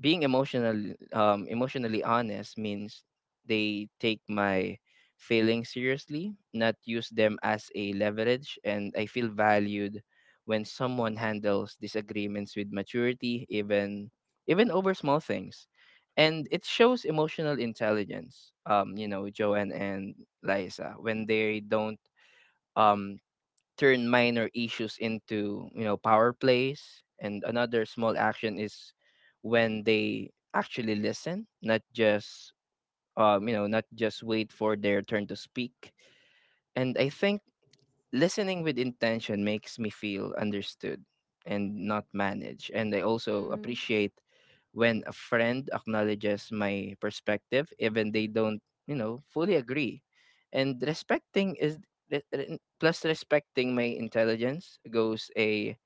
Speaker 3: being emotional, emotionally honest means they take my feelings seriously, not use them as a leverage. And I feel valued when someone handles disagreements with maturity, even over small things. And it shows emotional intelligence, you know, Joanne and Liza, when they don't um turn minor issues into, you know, power plays. And another small action is when they actually listen, not just, you know, not just wait for their turn to speak. And I think listening with intention makes me feel understood and not managed. And I also
Speaker 2: Mhm.
Speaker 3: appreciate when a friend acknowledges my perspective, even they don't, you know, fully agree. And respecting is plus respecting my intelligence goes a,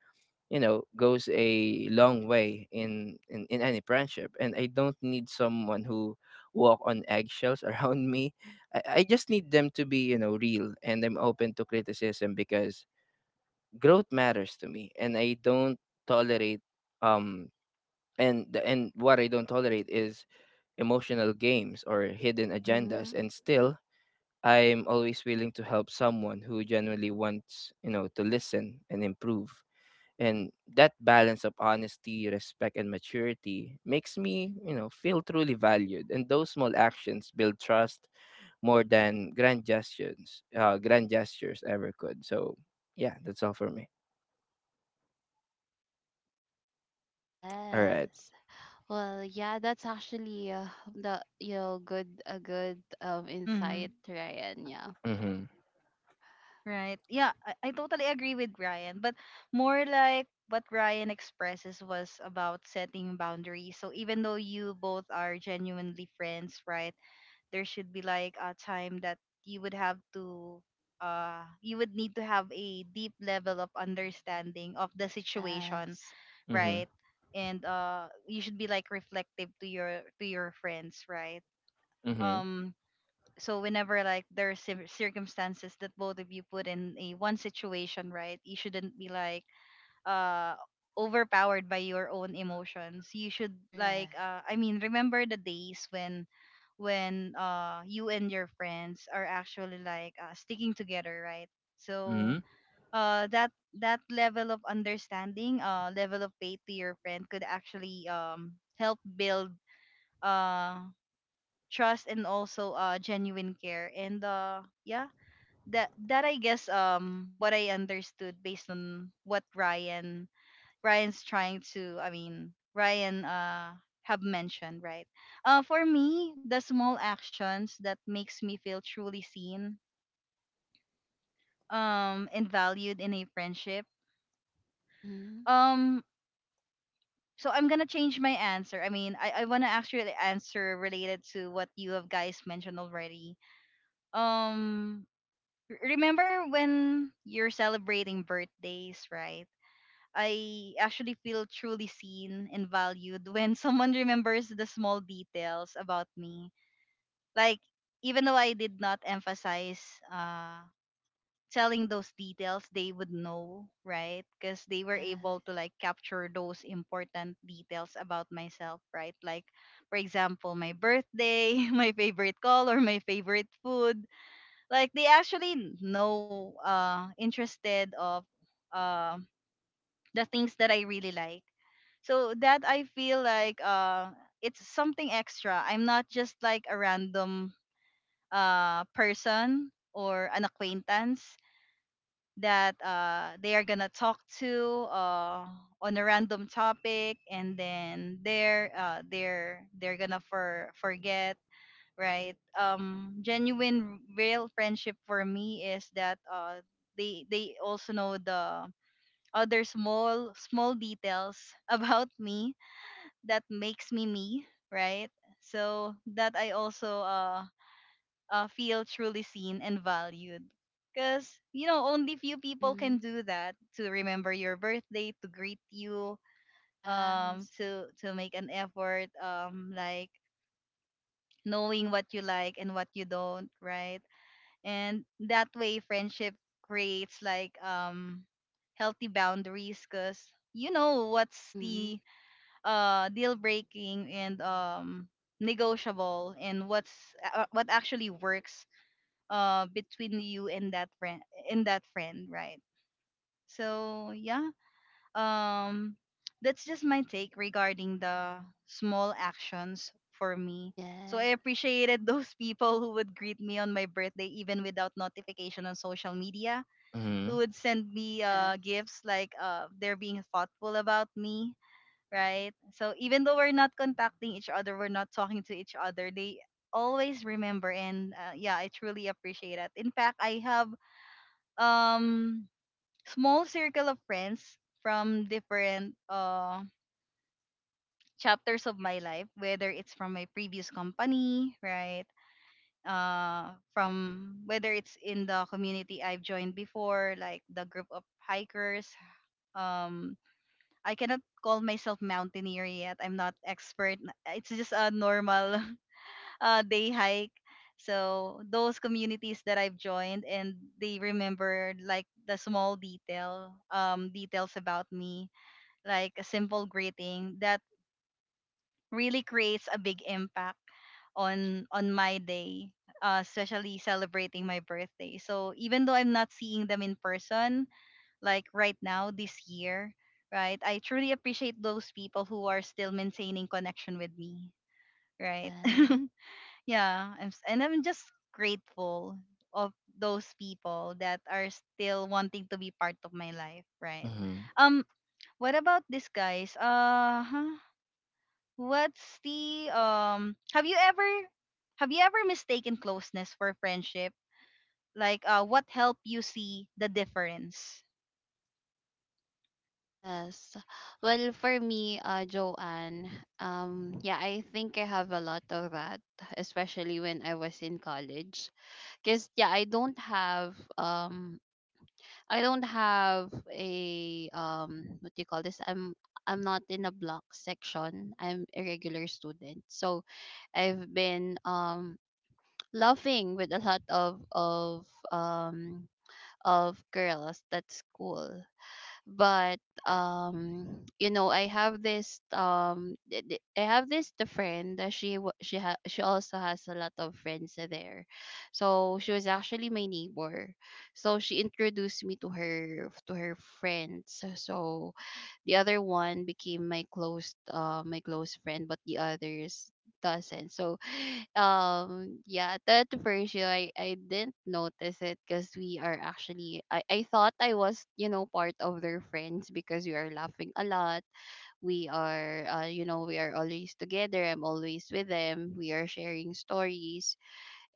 Speaker 3: you know, goes a long way in, in any friendship. And I don't need someone who walk on eggshells around me. I just need them to be, you know, real. And I'm open to criticism because growth matters to me, and I don't tolerate um and what I don't tolerate is emotional games or hidden agendas.
Speaker 2: Mhm.
Speaker 3: And still, I'm always willing to help someone who genuinely wants, you know, to listen and improve. And that balance of honesty, respect, and maturity makes me, you know, feel truly valued. And those small actions build trust more than grand gestures ever could. So yeah, that's all for me. All right.
Speaker 2: Yes. Well, yeah, that's actually the, you know, good
Speaker 1: Mm-hmm.
Speaker 2: insight, Ryan. Yeah.
Speaker 3: Mhm.
Speaker 1: Right. Yeah, I, totally agree with Ryan, but more like what Ryan expresses was about setting boundaries. So even though you both are genuinely friends, right, there should be like a time that you would have to you would need to have a deep level of understanding of the situation,
Speaker 2: Yes.
Speaker 3: Mhm.
Speaker 1: right? And, you should be like reflective to your friends, right?
Speaker 3: Mhm.
Speaker 1: Um, so whenever, like, there are circumstances that both of you put in a one situation, right? You shouldn't be like uh overpowered by your own emotions. You should, like,
Speaker 2: Correct.
Speaker 1: I mean, remember the days when you and your friends are actually like, sticking together, right? So
Speaker 3: Mhm.
Speaker 1: that that level of understanding, level of faith to your friend could actually help build uh trust and also genuine care, and, yeah, that that I guess, what I understood based on what Ryan's trying to, I mean, Ryan have mentioned, right? For me, the small actions that makes me feel truly seen and valued in a friendship,
Speaker 2: Mhm.
Speaker 1: um so I'm gonna change my answer. I mean, I, wanna actually answer related to what you have guys mentioned already. Um, Remember when you're celebrating birthdays, right? I actually feel truly seen and valued when someone remembers the small details about me. Like, even though I did not emphasize uh telling those details, they would know, right? Because they were
Speaker 2: Yeah.
Speaker 1: able to like capture those important details about myself, right? Like, for example, my birthday, my favorite color, my favorite food, like, they actually know, interested of, uh, the things that I really like. So that I feel like it's something extra. I'm not just like a random person or an acquaintance that, they are gonna talk to, on a random topic, and then they're, uh, they're gonna for forget, right? Genuine real friendship for me is that, they also know the other small small details about me, that makes me me, right? So that I also feel truly seen and valued. Because, you know, only few people can
Speaker 2: Mhm.
Speaker 1: do that, to remember your birthday, to greet you,
Speaker 2: Yes.
Speaker 1: to make an effort, like knowing what you like and what you don't, right? And that way, friendship creates healthy boundaries because you know what's
Speaker 2: Mhm.
Speaker 1: the deal breaking and negotiable and what's what actually works between you and that friend, right? So yeah um that's just my take regarding the small actions for me. So
Speaker 2: Yes.
Speaker 1: I appreciated those people who would greet me on my birthday even without notification on social media, who
Speaker 3: Mhm.
Speaker 1: would send me
Speaker 2: Uh,
Speaker 1: gifts, like they're being thoughtful about me, right? So even though we're not contacting each other, we're not talking to each other, they always remember. And yeah, I truly appreciate that. In fact, I have um small circle of friends from different chapters of my life, whether it's from my previous company, right? Uh, from whether it's in the community I've joined before, like the group of hikers. um I cannot call myself mountaineer yet, I'm not expert, it's just a normal day hike. So those communities that I've joined, and they remembered like the small details about me, like a simple greeting that really creates a big impact on my day, especially celebrating my birthday. So even though I'm not seeing them in person, like right now this year, right, I truly appreciate those people who are still maintaining connection with me, right?
Speaker 2: yes.
Speaker 1: Yeah, I'm, s- and I'm just grateful of those people that are still wanting to be part of my life, right?
Speaker 3: Mhm.
Speaker 1: um what about this, guys, uh huh. What's the have you ever mistaken closeness for friendship, like what helped you see the difference?
Speaker 2: Yes. Well, for me, Joanne, yeah, I think I have a lot of that, especially when I was in college. Cause yeah, I don't have a, what do you call this? I'm not in a block section. I'm a regular student, so I've been laughing with a lot um of girls at school, but you know, I have this, the friend that, she wa- she ha- she also has a lot of friends there. So she was actually my neighbor, so she introduced me to her friends. So the other one became my close friend, but the others doesn't. So, yeah, that ratio, I didn't notice it because we are actually I thought I was, you know, part of their friends because we are laughing a lot. We are, you know, we are always together. I'm always with them. We are sharing stories,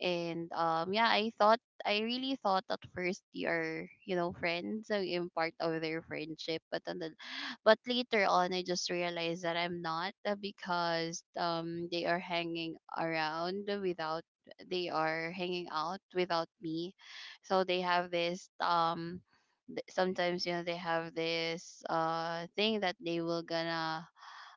Speaker 2: and yeah, I really thought at first you are, you know, friends, so I'm part of their friendship. But but later on I just realized that I'm not, because they are hanging out without me. So they have this th- sometimes, they have this thing that they will gonna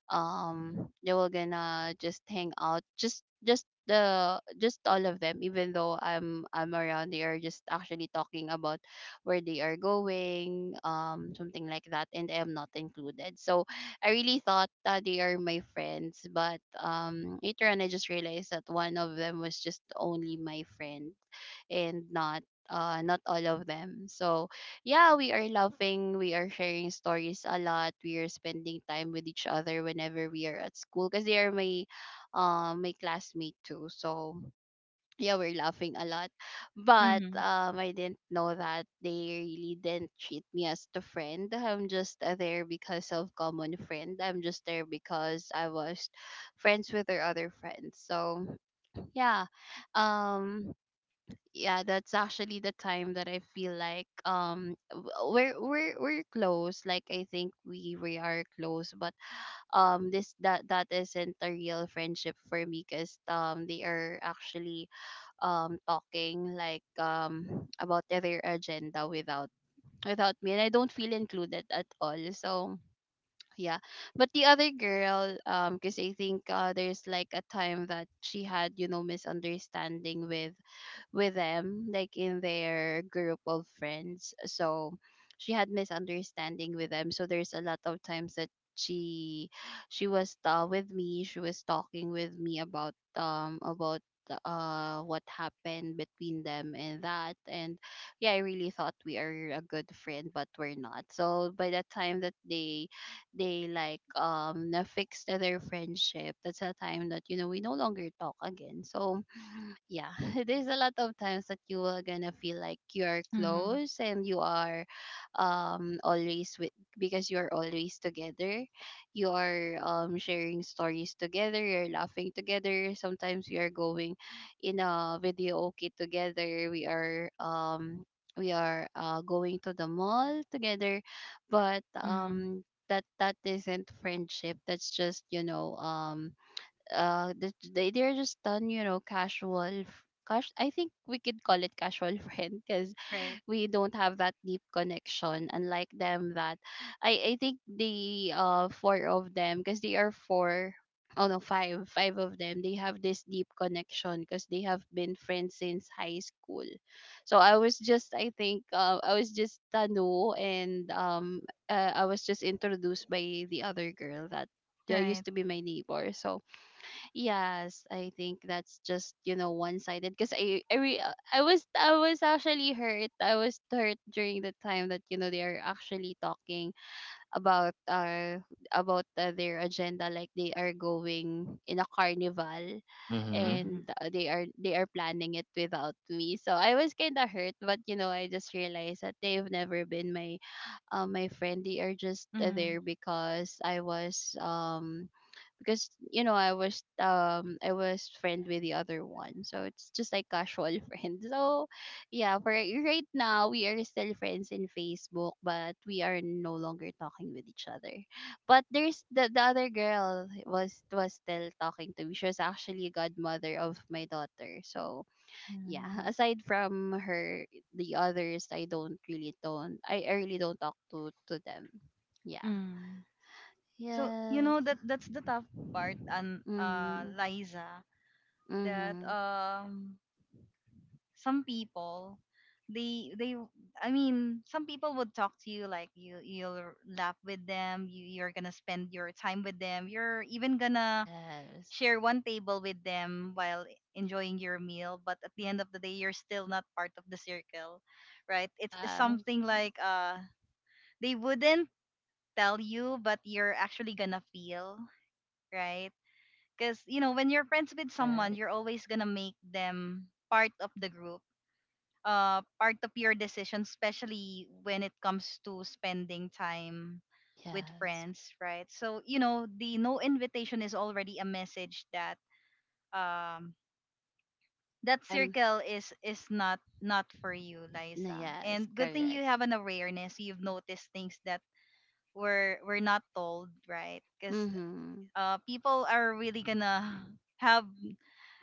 Speaker 2: um they were gonna just hang out just all of them. Even though I'm around, they are just actually talking about where they are going, something like that, and I am not included. So I really thought that they are my friends, but later on I just realized that one of them was just only my friend and not, not all of them. So yeah, we are laughing, we are sharing stories a lot, we are spending time with each other whenever we are at school because they are my classmate too. So yeah, we're laughing a lot. But
Speaker 1: Mm-hmm.
Speaker 2: I didn't know that they really didn't treat me as the friend. I'm just there because of common friend. I'm just there because I was friends with their other friends. So yeah. um yeah, that's actually the time that I feel like, we're close. Like, I think we are close, but this that that isn't a real friendship for me, because they are actually talking, like, about their agenda without me, and I don't feel included at all. So yeah. But the other girl, because I think, there's like a time that she had misunderstanding with them, like in their group of friends. So she had misunderstanding with them. So there's a lot of times that she she was, with me. She was talking with me about what happened between them and that. And yeah, I really thought we are a good friend, but we're not. So by the time that they like na fixed their friendship, that's the time that we no longer talk again. So yeah, there's a lot of times that you are gonna feel like you're
Speaker 1: Mm-hmm.
Speaker 2: close and you are always with, because you're always together. You are sharing stories together, you're laughing together. Sometimes we are going in a video okay together. We are going to the mall together, but
Speaker 1: Mm-hmm.
Speaker 2: that isn't friendship. That's just, they're just done, casual, f- cash I think we could call it casual friend, because
Speaker 1: Right.
Speaker 2: we don't have that deep connection, unlike them. That, I think, the four of them, because they are four, oh no, five of them, they have this deep connection because they have been friends since high school. So I was just, I think, I was just tanu, and I was just introduced by the other girl that they used
Speaker 1: Right.
Speaker 2: to be my neighbor. So yes, I think that's just, one sided, because I was actually hurt. I was hurt during the time that, they are actually talking about, about their agenda, like they are going in a carnival,
Speaker 3: Mhm.
Speaker 1: Mm-hmm.
Speaker 2: and, they are planning it without me. So I was kind of hurt, but I just realized that they've never been my friend. They are just,
Speaker 1: Mm-hmm.
Speaker 2: there because I was, because, I was friend with the other one, so it's just like casual friend. So yeah, for right now we are still friends in Facebook, but we are no longer talking with each other. But there's the other girl was still talking to me. She was actually a godmother of my daughter. So yeah,
Speaker 1: Mm-hmm.
Speaker 2: aside from her, the others, I don't really don't, I really don't talk to them. Yeah.
Speaker 1: Mm-hmm. So you
Speaker 2: Yes.
Speaker 1: know that that's the tough part, and
Speaker 2: Mhm.
Speaker 1: Liza, that
Speaker 2: Mhm.
Speaker 1: some people, they I mean, some people would talk to you, like you you'll laugh with them, you you're gonna spend your time with them, you're even gonna
Speaker 2: Yes.
Speaker 1: share one table with them while enjoying your meal, but at the end of the day you're still not part of the circle, right? It's
Speaker 2: Yeah.
Speaker 1: something like they wouldn't tell you, but you're actually gonna feel right, because you know when you're friends with someone
Speaker 2: Correct.
Speaker 1: you're always gonna make them part of the group, part of your decision, especially when it comes to spending time with
Speaker 2: Yes.
Speaker 1: friends, right? So you know the no invitation is already a message that um
Speaker 2: Yeah,
Speaker 1: that
Speaker 2: I'm
Speaker 1: circle is not for you,
Speaker 2: no,
Speaker 1: Liza.
Speaker 2: yes,
Speaker 1: And good thing you
Speaker 2: correct.
Speaker 1: have an awareness, you've noticed things that were not told, right? Because
Speaker 2: Mm-hmm.
Speaker 1: people are really gonna have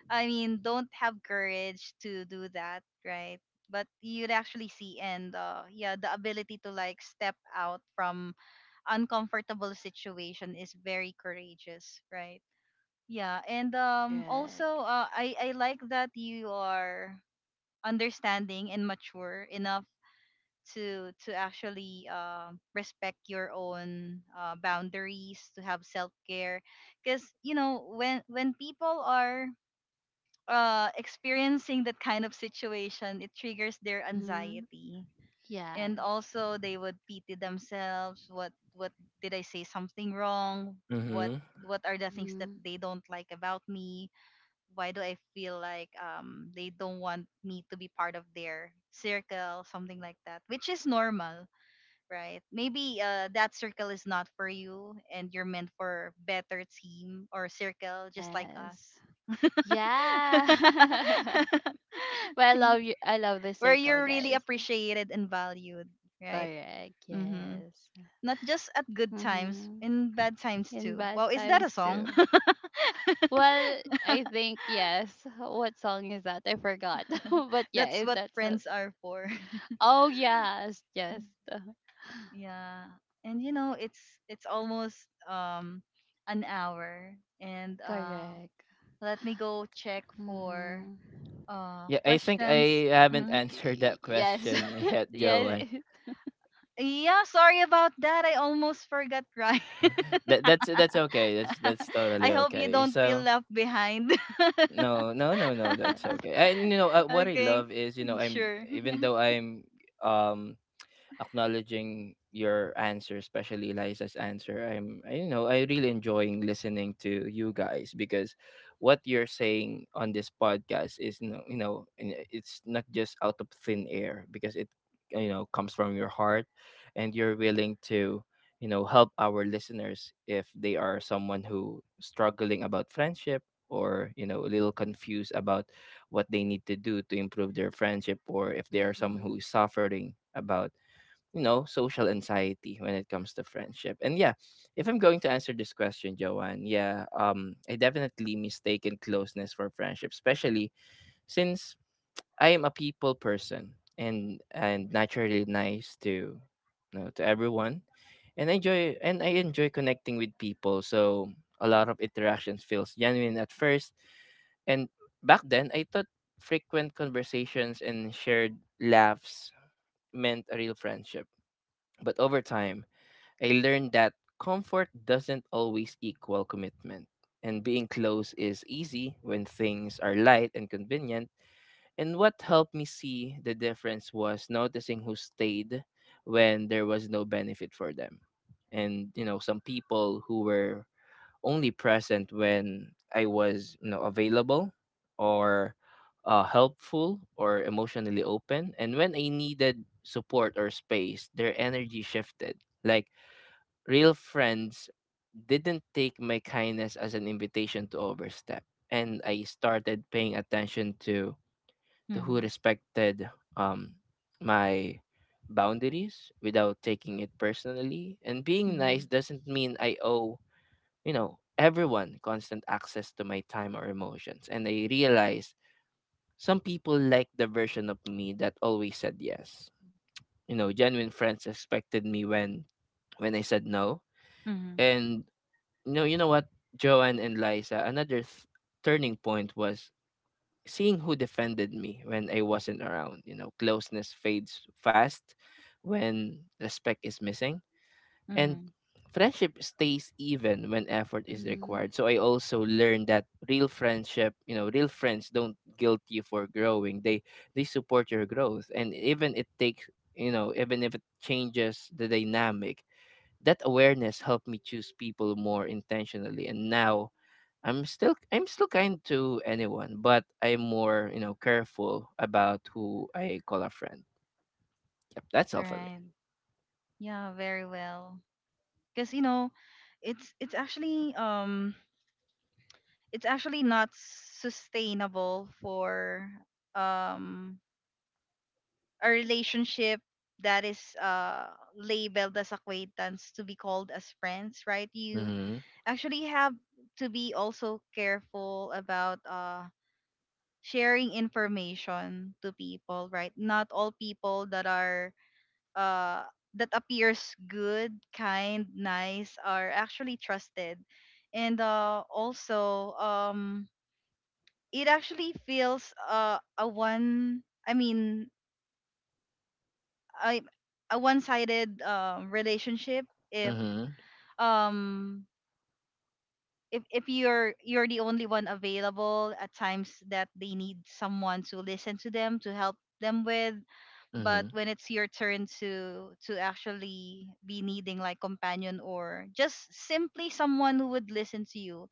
Speaker 1: I mean, don't have courage to do that, right? But you'd actually see. And yeah, the ability to like step out from uncomfortable situation is very courageous, right? Yeah, and
Speaker 2: Correct.
Speaker 1: also I like that you are understanding and mature enough to actually respect your own boundaries, to have self care. Because you know when people are experiencing that kind of situation, it triggers their
Speaker 2: Mm-hmm.
Speaker 1: anxiety. And
Speaker 2: Yes.
Speaker 1: also they would pity themselves. What did I say something wrong? What
Speaker 3: Mhm.
Speaker 1: are the things that
Speaker 2: Mm-hmm.
Speaker 1: they don't like about me? Why do I feel like they don't want me to be part of their circle, something like that, which is normal, right? Maybe that circle is not for you, and you're meant for better team or circle, just like
Speaker 2: Yes.
Speaker 1: us
Speaker 2: Yeah. Well, I love you. I love the
Speaker 1: where
Speaker 2: circle,
Speaker 1: you're really
Speaker 2: guys.
Speaker 1: appreciated and valued, right?
Speaker 2: Correct.
Speaker 1: Mm-hmm.
Speaker 2: Yes.
Speaker 1: Not just at good times,
Speaker 2: Mm-hmm.
Speaker 1: in bad times
Speaker 2: In
Speaker 1: too.
Speaker 2: bad
Speaker 1: Wow, is that a
Speaker 2: times
Speaker 1: song?
Speaker 2: too. Well, I think yes. What song is that? I forgot. But yeah,
Speaker 1: That's what
Speaker 2: that's a-
Speaker 1: friends are for.
Speaker 2: Oh yes, yes.
Speaker 1: Yeah, and you know, it's almost um an hour, and
Speaker 2: Correct.
Speaker 1: let me go check for
Speaker 2: Mm-hmm.
Speaker 3: Yeah, I think
Speaker 1: questions.
Speaker 3: I haven't
Speaker 1: Mhm.
Speaker 3: answered that
Speaker 2: Yes.
Speaker 3: question yet,
Speaker 2: Yes.
Speaker 3: Joanne.
Speaker 2: It-
Speaker 1: Yeah, sorry about that. I almost forgot, right?
Speaker 3: That that's okay. That's
Speaker 1: I
Speaker 3: totally
Speaker 1: hope you
Speaker 3: okay.
Speaker 1: don't feel
Speaker 3: So
Speaker 1: left behind.
Speaker 3: no, no, no, no. That's
Speaker 2: Yes.
Speaker 3: okay. And what I
Speaker 1: Okay,
Speaker 3: love is I'm
Speaker 1: sure.
Speaker 3: even though I'm um acknowledging your answer, especially Liza's answer. I really enjoying listening to you guys because what you're saying on this podcast is, and it's not just out of thin air because it comes from your heart, and you're willing to, help our listeners if they are someone who struggling about friendship or a little confused about what they need to do to improve their friendship, or if they are someone
Speaker 2: Mm-hmm.
Speaker 3: who is suffering about social anxiety when it comes to friendship. And yeah, if I'm going to answer this question, Joanne, yeah, I definitely mistaken closeness for friendship, especially since I am a people person and naturally nice to, to everyone. And I enjoy connecting with people. So a lot of interactions feels genuine at first. And back then I thought frequent conversations and shared laughs meant a real friendship, but over time I learned that comfort doesn't always equal commitment. And being close is easy when things are light and convenient. And what helped me see the difference was noticing who stayed when there was no benefit for them. And, you know, some people who were only present when I was, you know, available or helpful or emotionally open. And when I needed support or space, their energy shifted. Like real friends didn't take my kindness as an invitation to overstep. And I started paying attention to who
Speaker 1: Mhm,
Speaker 3: respected um, my boundaries without taking it personally. And being nice
Speaker 1: mhm,
Speaker 3: doesn't mean I owe, you know, everyone constant access to my time or emotions. And I realized some people like the version of me that always said yes. You know, genuine friends expected me when I said no.
Speaker 1: mhm,
Speaker 3: And you know what, Joanne and Liza, turning point was seeing who defended me when I wasn't around. You know, closeness fades fast when respect is missing, and
Speaker 1: mhm.
Speaker 3: friendship stays even when effort is
Speaker 2: Mm-hmm.
Speaker 3: required. So I also learned that real friendship, you know, real friends don't guilt you for growing. They support your growth, and even it takes, even if it changes the dynamic. That awareness helped me choose people more intentionally, and now I'm still kind to anyone, but I'm more, you know, careful about who I call a friend. Yep, that's all for me.
Speaker 1: Right. Yeah, very well. Because you know, it's actually it's actually not sustainable for um a relationship that is labeled as acquaintance to be called as friends, right? You
Speaker 3: Mhm.
Speaker 1: actually have to be also careful about sharing information to people, right? Not all people that are uh that appears good, kind, nice are actually trusted. And also it actually feels a one I mean I a one-sided relationship, if
Speaker 3: Mhm.
Speaker 1: um if you're the only one available at times that they need someone to listen to them, to help them with, but
Speaker 3: Mhm.
Speaker 1: when it's your turn to actually be needing like companion, or just simply someone who would listen to you,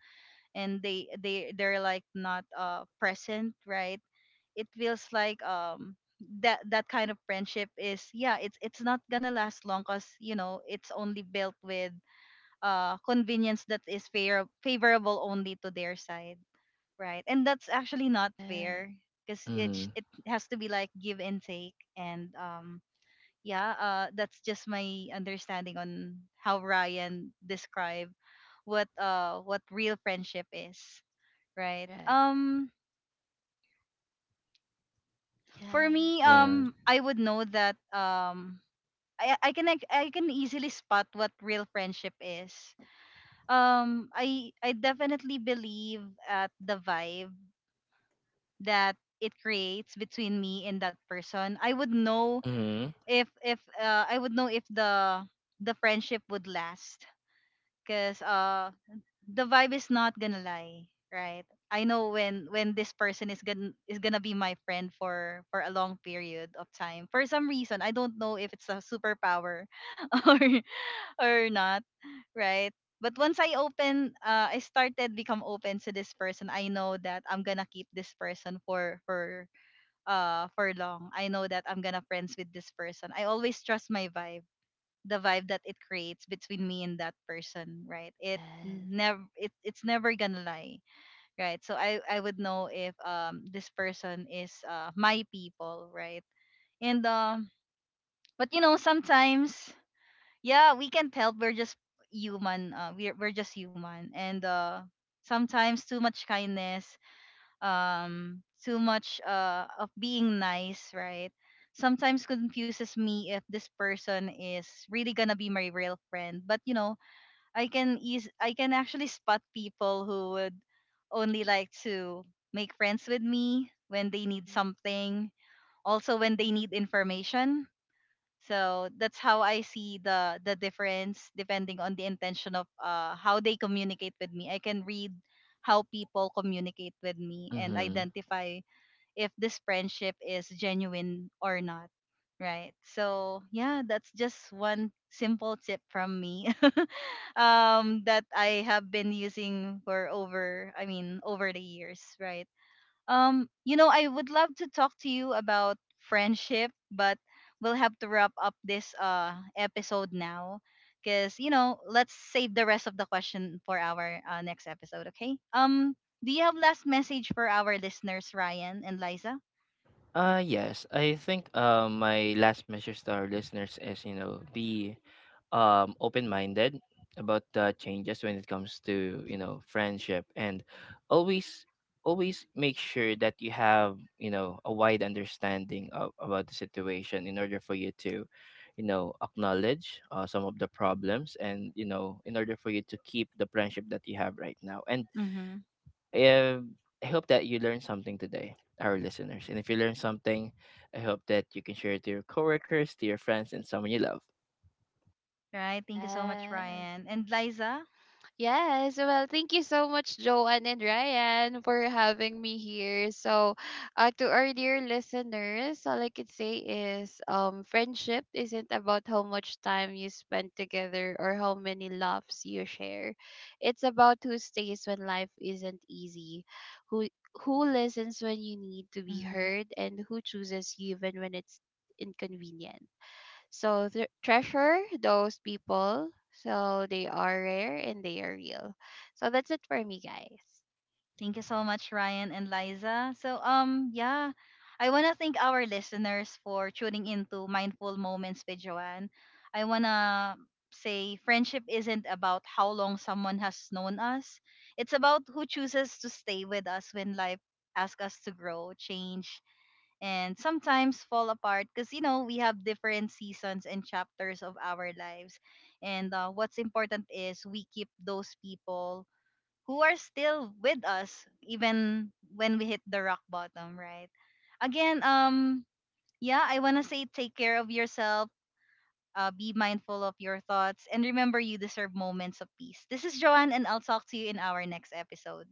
Speaker 1: and they're like not present, right? It feels like that kind of friendship is yeah, it's not gonna last long, because you know it's only built with convenience that is fair, favorable only to their side, right? And that's actually not
Speaker 2: Yes.
Speaker 1: fair, because it sh-
Speaker 3: Mhm.
Speaker 1: it has to be like give and take, and yeah, that's just my understanding on how Ryan described what real friendship is, right?
Speaker 2: Correct.
Speaker 1: For me,
Speaker 2: Yes.
Speaker 3: Yeah.
Speaker 1: I would know that. I can like, I can easily spot what real friendship is. I definitely believe at the vibe that it creates between me and that person. I would know
Speaker 3: Mhm.
Speaker 1: if I would know if the friendship would last, cuz the vibe is not going to lie, right? I know when this person is going to be my friend for a long period of time. For some reason, I don't know if it's a superpower or not, right? But once I open, I started become open to this person, I know that I'm gonna keep this person for for long. I know that I'm gonna friends with this person. I always trust my vibe, the vibe that it creates between me and that person, right? It
Speaker 2: Yes.
Speaker 1: never it it's never gonna lie, right? So I would know if this person is my people, right? And but you know sometimes yeah, we can't help, we're just human we're just human, and sometimes too much kindness, too much of being nice, right, sometimes confuses me if this person is really gonna be my real friend. But you know I can actually spot people who would only like to make friends with me when they need
Speaker 2: Mm.
Speaker 1: something, also when they need information. So that's how I see the difference, depending on the intention of how they communicate with me. I can read how people communicate with me and
Speaker 3: Mhm.
Speaker 1: identify if this friendship is genuine or not. Right. So yeah, that's just one simple tip from me, that I have been using for over I mean over the years, right? You know, I would love to talk to you about friendship, but we'll have to wrap up this episode now, because you know, let's save the rest of the question for our next episode, okay? Do you have last message for our listeners, Ryan and Liza?
Speaker 3: Yes, I think my last message to our listeners is, you know, be open-minded about the changes when it comes to, you know, friendship, and always make sure that you have, you know, a wide understanding about the situation in order for you to, you know, acknowledge some of the problems, and you know, in order for you to keep the friendship that you have right now. And
Speaker 1: Mm-hmm.
Speaker 3: um, I hope that you learned something today, our listeners. And if you learned something, I hope that you can share it to your coworkers, to your friends, and someone you love.
Speaker 1: Right. Thank you so much,
Speaker 2: Yes.
Speaker 1: Ryan and Liza.
Speaker 2: Yes, well, thank you so much, Joanne and Ryan, for having me here. So, to our dear listeners, all I could say is, friendship isn't about how much time you spend together or how many laughs you share. It's about who stays when life isn't easy, who who listens when you need to be
Speaker 1: Mm-hmm.
Speaker 2: heard, and who chooses you even when it's inconvenient. So treasure those people. So they are rare and they are real. So that's it for me, guys.
Speaker 1: Thank you so much, Ryan and Liza. So, yeah, I want to thank our listeners for tuning into Mindful Moments with Joanne. I want to say friendship isn't about how long someone has known us, it's about who chooses to stay with us when life asks us to grow, change, and sometimes fall apart, because, you know, we have different seasons and chapters of our lives. And what's important is we keep those people who are still with us even when we hit the rock bottom, right? Again, yeah, I wanna say take care of yourself, be mindful of your thoughts, and remember you deserve moments of peace. This is Joanne, and I'll talk to you in our next episode.